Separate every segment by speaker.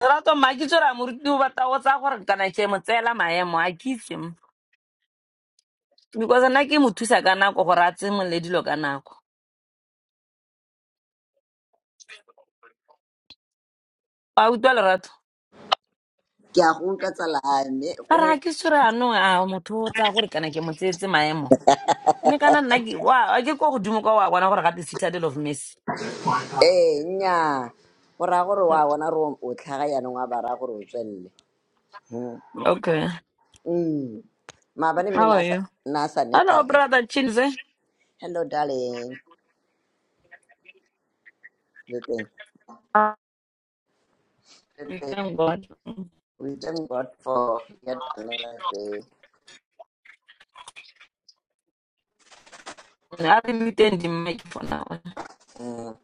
Speaker 1: Rato mma ke o batla go tsaya gore kana ke mo tseela maemo a ke itse mo. because nna ke mo thusa ka nako gore a tsemole dilo ka nako a utlwa lerato
Speaker 2: ke a go utlwa tsalame
Speaker 1: a re a
Speaker 2: go-
Speaker 1: ke tsore anong a motho o tsaya gore kana ke mo tseetse maemo mme kana nna ke wa- wa ke ko godimo kwa wa bona gore gate citadel of mercy
Speaker 2: ee nnyaa go raya gore wa bona gore o tlhaga yanong wa ba raya gore o tswelele Mm.
Speaker 1: okay
Speaker 2: Mm. maabane mme
Speaker 1: how are you
Speaker 2: nna a sa neta
Speaker 1: hello
Speaker 2: kere
Speaker 1: brother chinze
Speaker 2: hello darling Good day. Good
Speaker 1: We
Speaker 2: day.
Speaker 1: thank god
Speaker 2: we thank god for yet another day
Speaker 1: i didn't the mic for now
Speaker 2: Mm.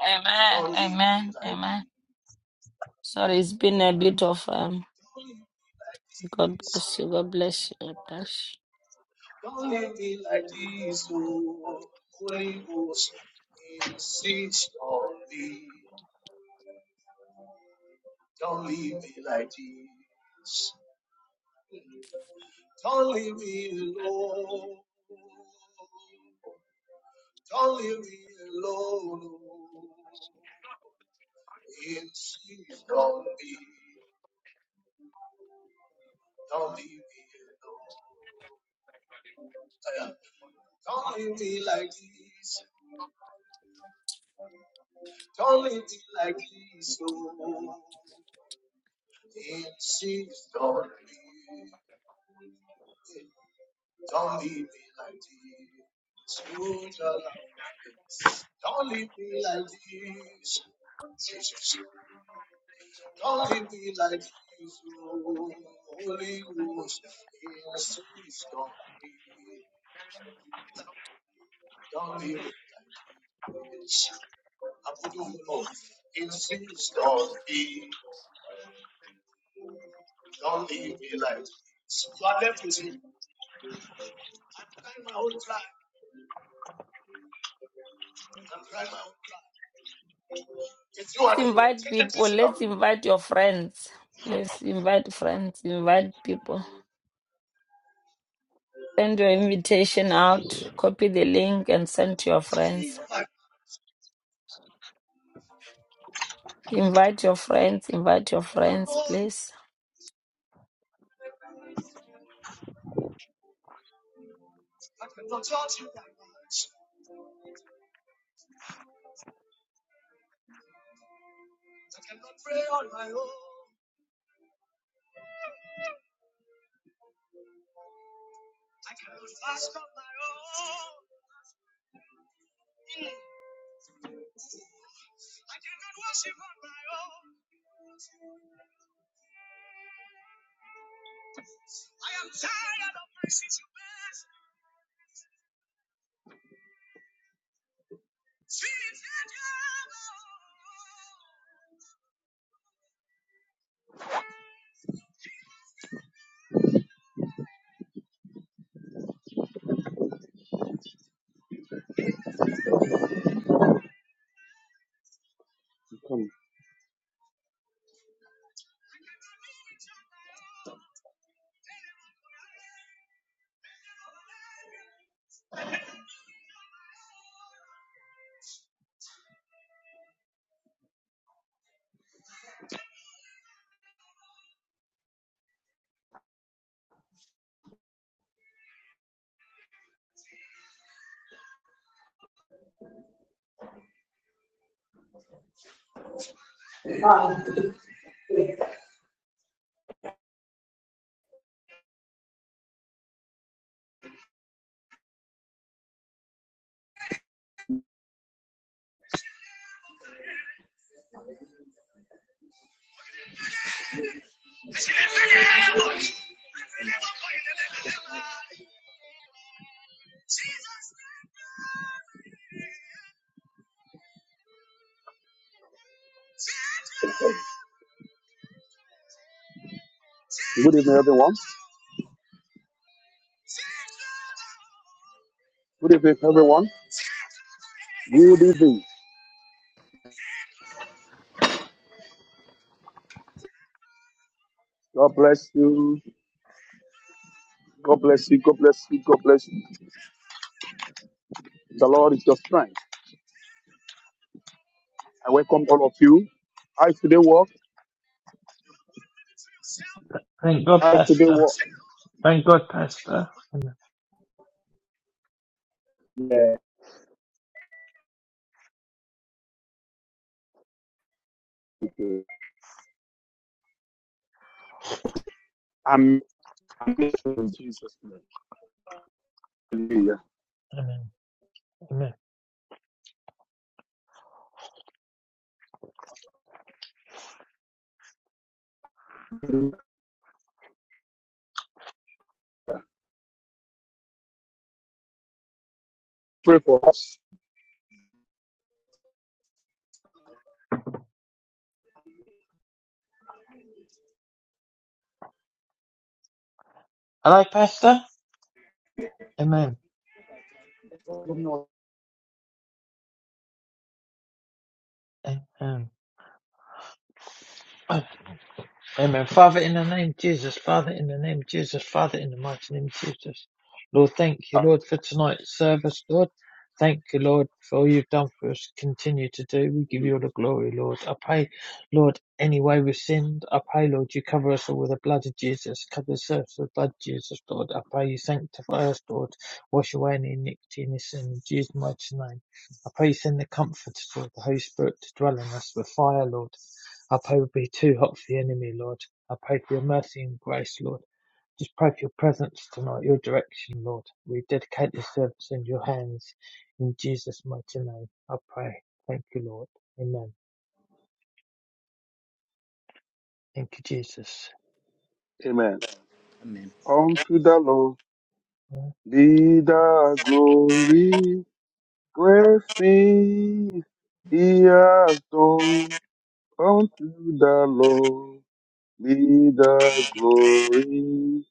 Speaker 1: amen amen amen sorry it's been a bit of um god bless you god bless you god bless you Let's invite people. Let's invite your friends. Let's invite friends. Invite people. Send your invitation out. Copy the link and send to your friends. Invite your friends. Invite your friends, please.
Speaker 3: Good evening, everyone. Good evening, everyone. Good evening. God bless you. God bless you. God bless you. God bless you. The Lord is your strength. I welcome all of you. I today walk.
Speaker 4: Thank God,
Speaker 3: I today
Speaker 4: Pastor.
Speaker 3: walk.
Speaker 4: Thank God, Pastor.
Speaker 3: Yeah. okay. I'm, I'm in Jesus' name. Hallelujah.
Speaker 4: Amen. Amen.
Speaker 3: Pray for us.
Speaker 4: I like Pastor. Amen. Amen. I Amen. Father, in the name of Jesus, Father, in the name of Jesus, Father, in the mighty name of Jesus. Lord, thank you, Lord, for tonight's service, Lord. Thank you, Lord, for all you've done for us. Continue to do. We give you all
Speaker 3: Amen.
Speaker 4: the glory, Lord. I pray, Lord, any way we've sinned, I pray, Lord, you cover us all with the blood of Jesus. Cover the service with the blood of Jesus, Lord. I pray you sanctify us, Lord. Wash away any iniquity and sin in Jesus' mighty name. I pray you send the comforter, Lord, the Holy Spirit to dwell in us with fire, Lord. Uphold be too hot for the enemy, Lord. I pray for your mercy and grace, Lord. Just pray for your presence tonight, your direction, Lord. We dedicate this service in your hands. In Jesus' mighty name, I pray. Thank you, Lord. Amen. Thank you, Jesus.
Speaker 3: Unto the Lord be the glory. Great things He has done. Unto the Lord. Be the glory,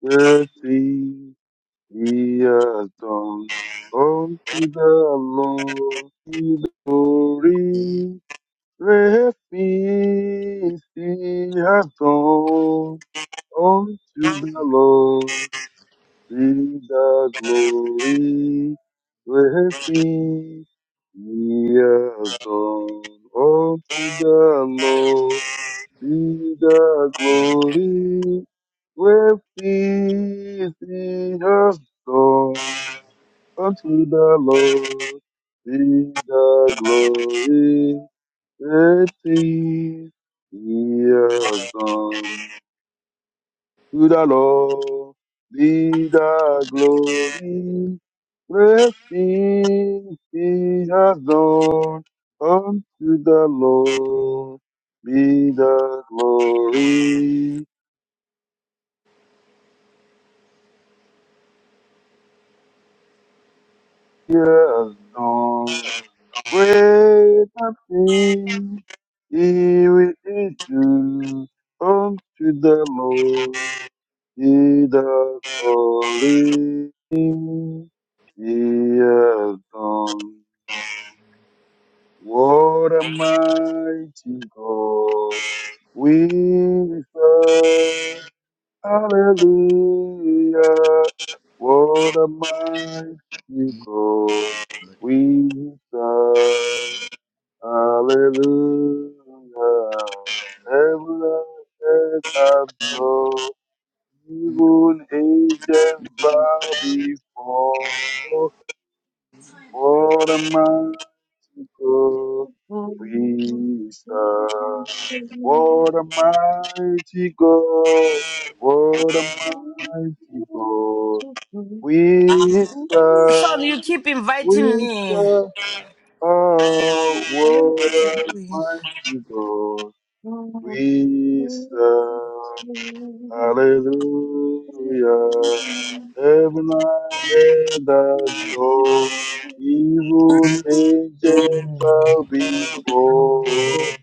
Speaker 3: the thing he has done. Unto the Lord be the glory, the things he has done. Unto the Lord be the glory, the things he has done. Unto the Lord be the glory with the song unto the Lord be the glory that he has done. To the Lord be the glory With he has done. Unto the Lord be the glory he has done. Great things he will do unto the Lord. He the glory. He has done. What a mighty God we serve. Hallelujah. What a mighty God we serve. Hallelujah. Heaven and earth adore. Even angels bow before. What a mighty God
Speaker 5: Thank
Speaker 3: we serve. What a mighty God. What a mighty God we
Speaker 1: Sean,
Speaker 3: serve.
Speaker 1: you keep inviting
Speaker 3: We
Speaker 1: me.
Speaker 3: serve. Oh,
Speaker 1: I don't know
Speaker 3: what
Speaker 1: what you're
Speaker 3: a
Speaker 1: doing.
Speaker 3: mighty God. We serve. Hallelujah. Heaven and
Speaker 5: you.
Speaker 3: earth adore. Even angels bow before.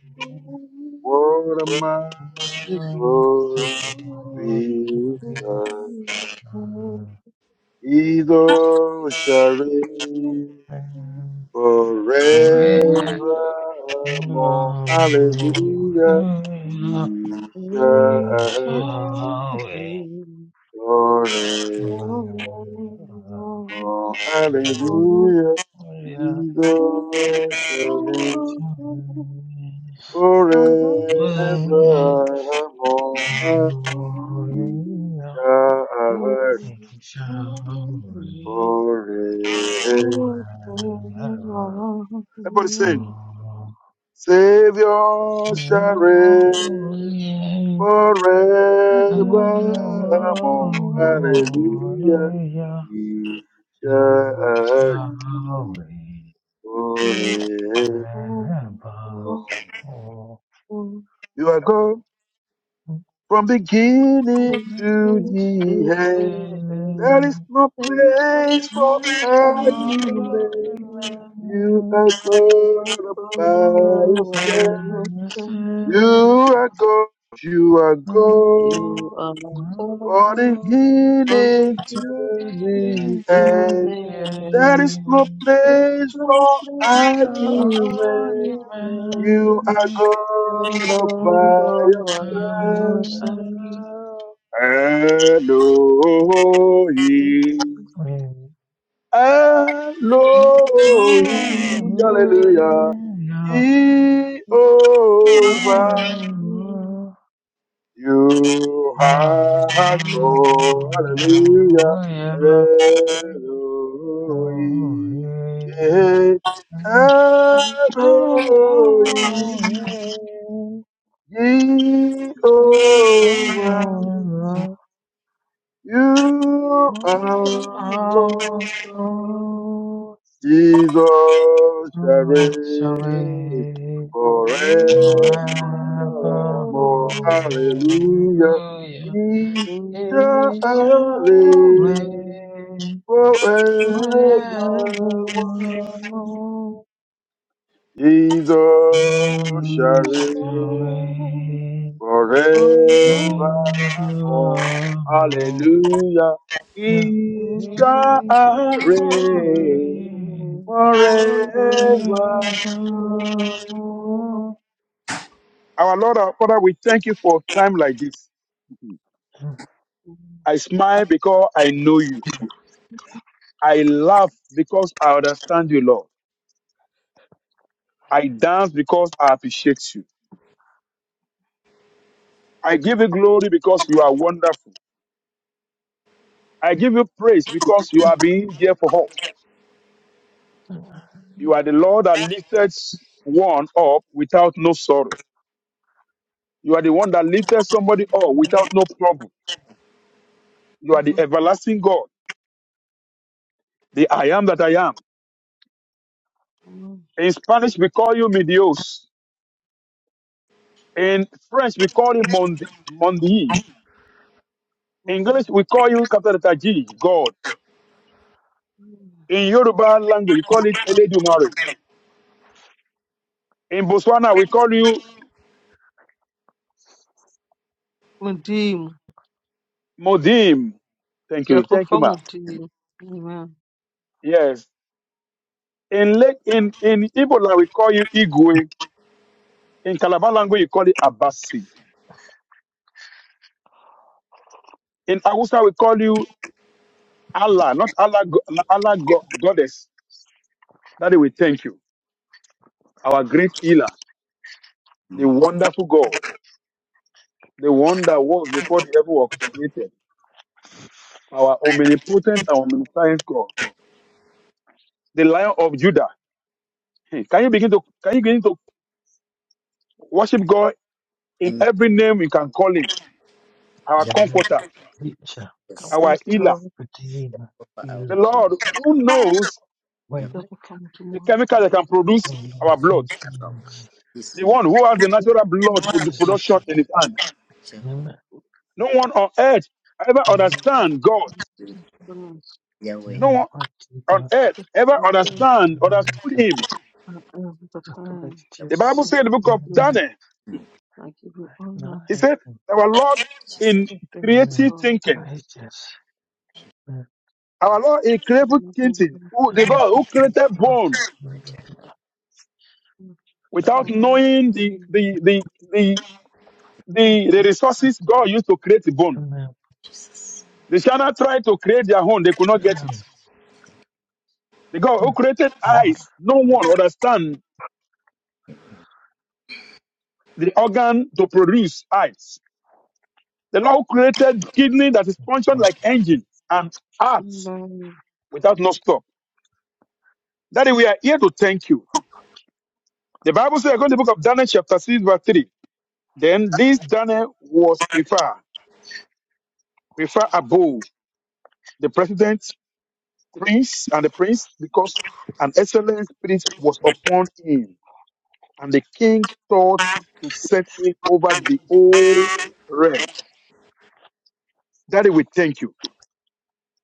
Speaker 3: What a mighty God we serve. His all shall reign forevermore. Hallelujah. We
Speaker 4: Shall we
Speaker 3: shall
Speaker 5: Thank
Speaker 3: forevermore. Hallelujah. Jesus shall live forevermore.
Speaker 4: never
Speaker 3: God forever. Everybody sing. Savior forevermore. Hallelujah. He shall
Speaker 5: you.
Speaker 3: forever. You are God. He need to
Speaker 4: Listen to the
Speaker 3: end.
Speaker 4: end,
Speaker 3: No place for.
Speaker 4: I
Speaker 3: you
Speaker 4: saw
Speaker 3: made.
Speaker 4: you
Speaker 3: You are
Speaker 5: You
Speaker 3: God
Speaker 5: go, go
Speaker 3: by
Speaker 4: all by
Speaker 3: yourself.
Speaker 5: away.
Speaker 3: You
Speaker 4: yourself.
Speaker 3: are God. You are God.
Speaker 5: You are
Speaker 4: Moving
Speaker 3: For the
Speaker 5: gone from
Speaker 3: healing to
Speaker 5: beginning to
Speaker 3: the
Speaker 4: into
Speaker 3: end.
Speaker 4: the
Speaker 5: the
Speaker 3: There
Speaker 5: end.
Speaker 3: is no
Speaker 4: end,
Speaker 5: There's
Speaker 3: place
Speaker 5: no
Speaker 3: for
Speaker 5: place
Speaker 4: I
Speaker 5: where all
Speaker 4: saw
Speaker 3: argument.
Speaker 4: you
Speaker 5: you left.
Speaker 3: You are
Speaker 4: man
Speaker 5: You
Speaker 3: God all
Speaker 5: go,
Speaker 4: all
Speaker 3: by
Speaker 5: go away.
Speaker 4: by
Speaker 5: No
Speaker 3: yourself.
Speaker 4: yourself.
Speaker 5: sun.
Speaker 3: Elohim.
Speaker 4: When
Speaker 3: Elohim.
Speaker 4: I saw
Speaker 3: Hallelujah.
Speaker 4: you, yeah,
Speaker 3: Jehovah,
Speaker 4: oh.
Speaker 3: you
Speaker 4: Oh,
Speaker 3: have called. Hallelujah.
Speaker 4: yeah.
Speaker 3: Eloi. Eloi.
Speaker 5: Oh,
Speaker 3: Jehovah, you are Lord. Jesus shall reign forevermore. Hallelujah. He shall reign forevermore.
Speaker 4: Oh, yeah.
Speaker 3: Jesus shall
Speaker 4: Just
Speaker 3: reign
Speaker 4: away
Speaker 3: forevermore.
Speaker 4: evermore,
Speaker 3: Hallelujah.
Speaker 4: yeah.
Speaker 3: He shall
Speaker 4: We shall
Speaker 3: reign
Speaker 4: live
Speaker 3: forevermore.
Speaker 4: forevermore.
Speaker 3: Our Lord, our Father, we thank you for time like this. Mhm. I smile because I know you. I laugh because I understand you, Lord. I dance because I appreciate you. I give you glory because you are wonderful. I give you praise because you are being there for us. You are the Lord that lifted one up without no sorrow. You are the one that lifted somebody up without no trouble. You are the everlasting God, the I am that I am. In Spanish, we call you mi Dios. In French, we call him Mondi. Mondi. In English, we call you Captain Taji, God. In Yoruba language, you call it Eledu Mari. In Botswana, we call you
Speaker 5: Mudim,
Speaker 3: Modim. Thank you. Thank you,
Speaker 5: Jehovah
Speaker 3: ma.
Speaker 5: Mudim. Amen.
Speaker 3: Yes. In Le- in in Igbo language, we call you Igwe. In Calabar language, you call it Abasi. In Hausa, we call you Allah, not Allah, go- Allah go- goddess. Daddy, we thank you. Our great healer, the wonderful God, the one that was before the ever was created. our omnipotent and omniscient God, the Lion of Judah. Hmm. Can you begin to can you begin to worship God in
Speaker 2: Um,
Speaker 3: every name you can call Him? Our
Speaker 2: Jehovah
Speaker 4: Amen.
Speaker 3: Comforter,
Speaker 4: Teacher,
Speaker 2: is
Speaker 3: our
Speaker 5: Thank you,
Speaker 4: comforter,
Speaker 3: Healer,
Speaker 5: Lord
Speaker 4: redeemer,
Speaker 2: Jehovah, our
Speaker 3: the
Speaker 4: healer,
Speaker 3: Lord
Speaker 5: Jesus.
Speaker 3: who
Speaker 2: God,
Speaker 3: knows
Speaker 2: Jehovah,
Speaker 4: waymaker,
Speaker 5: Jehovah
Speaker 3: the
Speaker 5: Mudim.
Speaker 3: chemical that can
Speaker 4: O
Speaker 3: produce
Speaker 4: Lord
Speaker 3: our blood,
Speaker 4: King
Speaker 2: our
Speaker 4: Kings,
Speaker 3: the one who has
Speaker 5: Look
Speaker 3: the
Speaker 5: like
Speaker 3: natural
Speaker 5: a
Speaker 3: blood
Speaker 5: time.
Speaker 4: great
Speaker 3: produ- production
Speaker 4: physician.
Speaker 3: in His hand.
Speaker 2: Jehovah,
Speaker 4: Amen.
Speaker 3: No one on earth ever
Speaker 4: Amen.
Speaker 3: understand God.
Speaker 2: Yahweh.
Speaker 3: No
Speaker 4: Amen.
Speaker 3: one
Speaker 4: Mighty
Speaker 3: on
Speaker 4: God,
Speaker 3: earth ever
Speaker 4: comfort
Speaker 3: understand
Speaker 4: in
Speaker 3: understood
Speaker 4: America.
Speaker 3: Him.
Speaker 5: the
Speaker 4: Walk of
Speaker 5: time.
Speaker 3: The Bible
Speaker 4: ages.
Speaker 5: I
Speaker 3: said in the
Speaker 5: thank
Speaker 3: book of
Speaker 5: you.
Speaker 4: Amen.
Speaker 3: Daniel,
Speaker 5: I give you honor.
Speaker 4: not
Speaker 3: He
Speaker 4: in
Speaker 3: said, "Our Lord in
Speaker 5: I thank you,
Speaker 4: common
Speaker 3: creative
Speaker 5: God.
Speaker 3: thinking."
Speaker 4: places with
Speaker 3: Our Lord, He
Speaker 5: I
Speaker 3: created
Speaker 5: love you,
Speaker 3: Kintin,
Speaker 5: God.
Speaker 3: who, the
Speaker 4: them,
Speaker 3: God who
Speaker 4: so
Speaker 3: created
Speaker 4: God
Speaker 3: bone
Speaker 4: me from the
Speaker 3: without
Speaker 4: earth,
Speaker 5: Amen.
Speaker 3: knowing the the the the the, the
Speaker 4: God my
Speaker 3: resources God used to create the bone.
Speaker 4: common
Speaker 3: The China tried to create their own, they could not get it.
Speaker 4: plans.
Speaker 3: The God who created
Speaker 4: Lord,
Speaker 3: eyes, no one understand the organ to produce eyes. The Lord who created kidney that is
Speaker 4: Lord,
Speaker 3: functioned
Speaker 4: Lord,
Speaker 3: like engine and heart
Speaker 5: Amen.
Speaker 3: without no stop. Daddy, we are here to thank you. The Bible says, according to the book of Daniel, chapter 6, verse 3, then this Daniel was preferred prefer above. the president, prince, and the prince, because an excellent spirit was upon him, and the king thought to set him over the whole realm. Daddy, we thank you.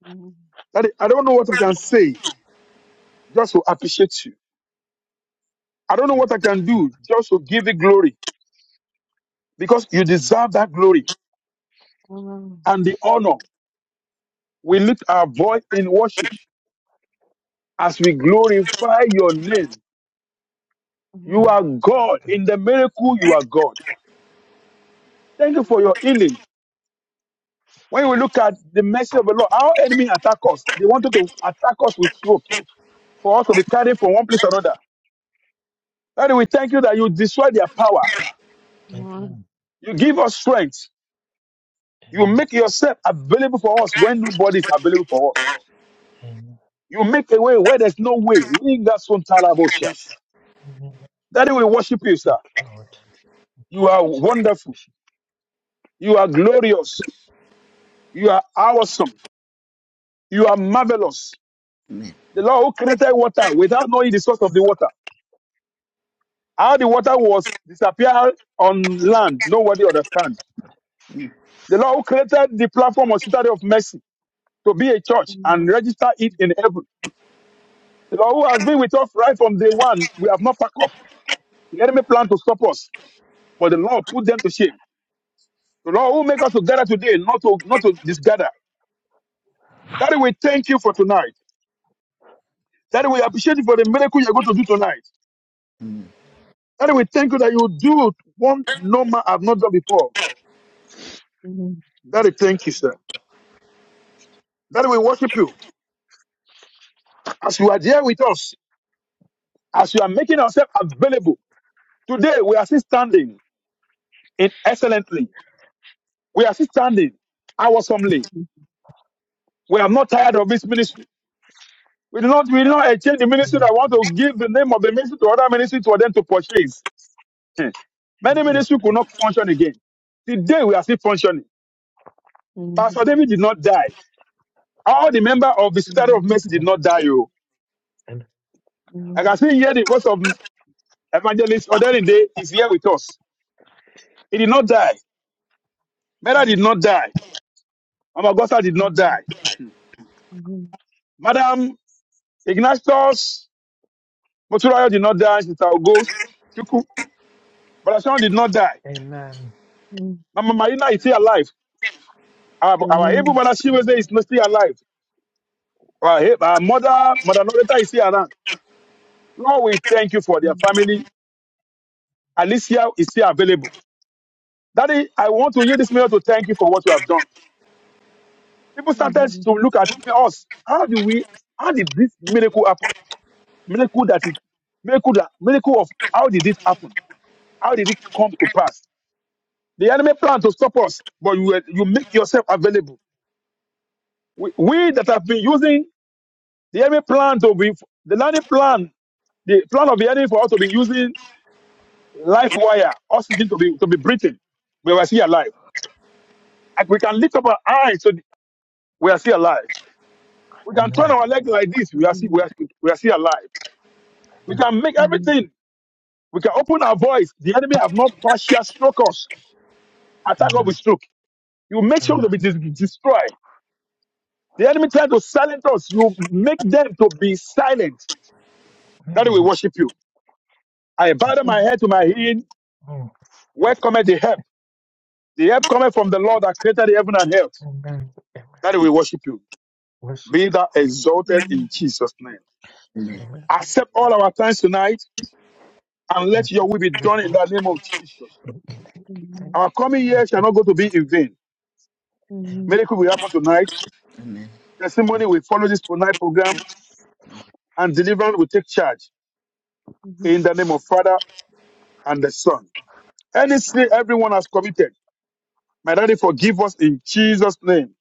Speaker 5: Amen.
Speaker 3: Daddy, I don't know what I can say just to appreciate you. I don't know what I can
Speaker 4: Lord,
Speaker 3: do just to give you glory because you deserve that glory
Speaker 5: Amen.
Speaker 3: and the honor. We lift our voice in worship as we glorify your name.
Speaker 5: Amen.
Speaker 3: You
Speaker 5: Amen.
Speaker 3: are God.
Speaker 4: Lord,
Speaker 3: In the miracle, you are God. Thank you for your healing. When we look at the mercy of the Lord, our enemy attack us. They wanted to attack us with rope for us to be carried from one place to another. Father, we thank you that you destroy their power.
Speaker 4: Amen,
Speaker 3: You give us strength. You
Speaker 4: Amen,
Speaker 3: make yourself available for us when nobody is available for us.
Speaker 4: Amen,
Speaker 3: You make a way where there's no way. Lingasuntalaboshias.
Speaker 4: Amen.
Speaker 3: Daddy, we worship you,
Speaker 4: Thank
Speaker 3: sir.
Speaker 4: you, Lord, thank you,
Speaker 3: You are
Speaker 4: Jesus.
Speaker 3: wonderful. You are glorious. You are awesome. You are marvelous.
Speaker 2: Amen.
Speaker 3: The Lord who created water without knowing the source of the water. How the water was disappear on land, nobody understands. The Lord who created the platform of Citadel of Mercy to be a church and
Speaker 5: Amen.
Speaker 3: register it in heaven. The Lord who has been with us right from day one, we have not packed up. The enemy planned to stop us, but the Lord put them to shame. The Lord who make us to gather today, not to not to disgather. Daddy, we thank you for tonight. Daddy, we appreciate you for the miracle you're going to do tonight.
Speaker 2: Amen.
Speaker 3: Daddy, we thank you that you do one no man have not done before.
Speaker 5: Amen.
Speaker 3: Daddy, thank you, sir. Daddy, we worship you as you are there with us. as you are making yourself available. Today, we are still standing in excellently. We are still standing awesomely. We are not tired of this ministry. We do not, we do not exchange the ministry that
Speaker 4: Amen,
Speaker 3: want to give the name of the ministry to other ministry for them to purchase. Hmm. Many
Speaker 4: Amen,
Speaker 3: ministries could not function again. Today, we are still functioning. Pastor David did not die. All the members of the Citadel of Mercy did not die. Oh.
Speaker 4: Amen,
Speaker 3: I can still here the voice of Evangelist Ordering Day is here with us. He did not die. Mera did not die. Amagosa did not die.
Speaker 5: Amen. Amen.
Speaker 3: Madam Ignatius Moturaya did not die. Sister Ogo Chuku Balasan did not die.
Speaker 4: Amen,
Speaker 5: Amen.
Speaker 3: Mama Marina is still alive. Our, our able
Speaker 5: Amen.
Speaker 3: mother Shiweze is not still alive. Our, he- our mother, Mother Loretta is still around. Lord, we thank you for
Speaker 5: Amen.
Speaker 3: their family. Alicia is still available. Daddy, I want to use this mail to thank you for what you have done. People started
Speaker 5: Hmm.
Speaker 3: to look at us. How do we, how did this miracle happen? Miracle that it, miracle that, miracle of how did it happen? How did it come to pass? The enemy planned to stop us, but you, you make yourself available. We, we that have been using the enemy plan to be the enemy plan, the plan of the enemy for us to be using life wire, oxygen to be to be breathing. We are still alive. And we can lift up our eyes so we are still alive. We can turn
Speaker 4: Amen,
Speaker 3: our leg like this. We are still we
Speaker 5: Hmm.
Speaker 3: are, we are still alive. We
Speaker 4: Amen,
Speaker 3: can make
Speaker 5: Hmm.
Speaker 3: everything. We can open our voice. The enemy have not partial stroke us. Attack us
Speaker 5: Hmm.
Speaker 4: Amen,
Speaker 3: with stroke. You make sure to
Speaker 4: Amen,
Speaker 3: be dis- destroyed. The enemy tried to silence us. You make them to be silent. That they will
Speaker 4: Amen.
Speaker 3: worship you. I
Speaker 4: Thank
Speaker 3: bowed
Speaker 4: you,
Speaker 3: my
Speaker 5: Hmm.
Speaker 3: head to my healing.
Speaker 4: Lord.
Speaker 3: Where cometh the help? The help cometh from the Lord that created the heaven and earth.
Speaker 4: Amen, Amen.
Speaker 3: That they will worship you.
Speaker 4: Worship,
Speaker 3: Be thou exalted
Speaker 5: Hmm.
Speaker 3: in Jesus' name.
Speaker 2: Amen.
Speaker 4: Amen,
Speaker 3: Accept all our thanks tonight and
Speaker 4: Amen.
Speaker 3: let your
Speaker 4: Thank
Speaker 3: will be
Speaker 4: you,
Speaker 3: done in
Speaker 4: Lord.
Speaker 3: the name of Jesus.
Speaker 4: Thank you, thank you, thank
Speaker 5: Hmm.
Speaker 3: Our coming year shall not
Speaker 4: you.
Speaker 3: go to be in vain.
Speaker 5: Hmm.
Speaker 3: Miracle will happen tonight.
Speaker 2: Amen. Amen.
Speaker 3: Testimony will follow this tonight program and deliverance will take charge
Speaker 5: Hmm. Hmm.
Speaker 3: in the name of Father and the Son. Any sin everyone has committed My daddy, forgive us in Jesus' name.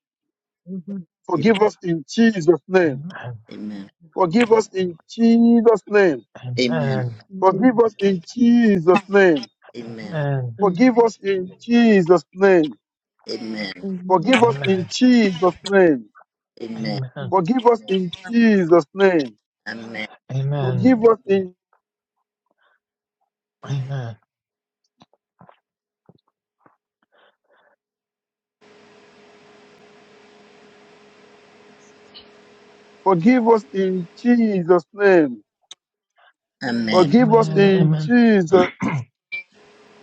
Speaker 3: Forgive us in Jesus' name.
Speaker 4: Amen, amen,
Speaker 2: Amen.
Speaker 3: Forgive us in Jesus' name.
Speaker 4: amen,
Speaker 5: Hmm.
Speaker 3: Forgive us in Jesus' name.
Speaker 2: Amen.
Speaker 4: amen,
Speaker 5: Hmm.
Speaker 3: Forgive
Speaker 5: Hmm.
Speaker 3: us in Jesus' name.
Speaker 2: Amen.
Speaker 5: Hmm. Hmm.
Speaker 3: Forgive us
Speaker 4: amen,
Speaker 3: in Jesus' name.
Speaker 2: Amen.
Speaker 4: amen,
Speaker 3: Forgive us in Jesus' name.
Speaker 2: Amen.
Speaker 4: amen,
Speaker 3: Forgive us in
Speaker 4: amen, amen,
Speaker 3: forgive us in Jesus' name.
Speaker 2: Amen.
Speaker 3: Forgive
Speaker 4: amen,
Speaker 3: us in
Speaker 4: amen,
Speaker 3: Jesus'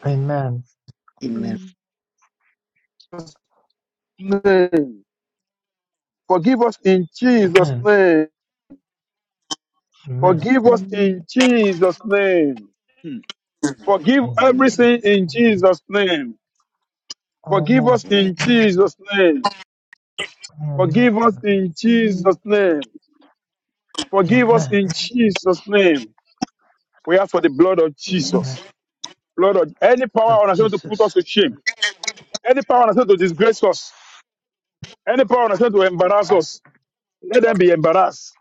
Speaker 4: amen, amen,
Speaker 2: Amen.
Speaker 5: Hmm.
Speaker 3: name. Forgive us in Jesus'
Speaker 4: amen,
Speaker 3: name. Forgive
Speaker 2: Amen.
Speaker 3: us in
Speaker 5: Hmm.
Speaker 3: Jesus' name. Forgive
Speaker 2: Amen.
Speaker 3: everything in Jesus' name. Forgive
Speaker 4: amen,
Speaker 3: us in
Speaker 5: Hmm.
Speaker 3: Jesus' name.
Speaker 4: amen,
Speaker 3: Forgive us in Jesus' name. Forgive us
Speaker 4: amen,
Speaker 3: in Jesus' name. We ask for the blood of
Speaker 2: Amen.
Speaker 4: amen.
Speaker 3: Jesus. Blood of any
Speaker 4: Blood
Speaker 3: power on us to put
Speaker 4: Jesus,
Speaker 3: us to shame. Any power on us to disgrace us. Any power on us to embarrass us. Let them be embarrassed.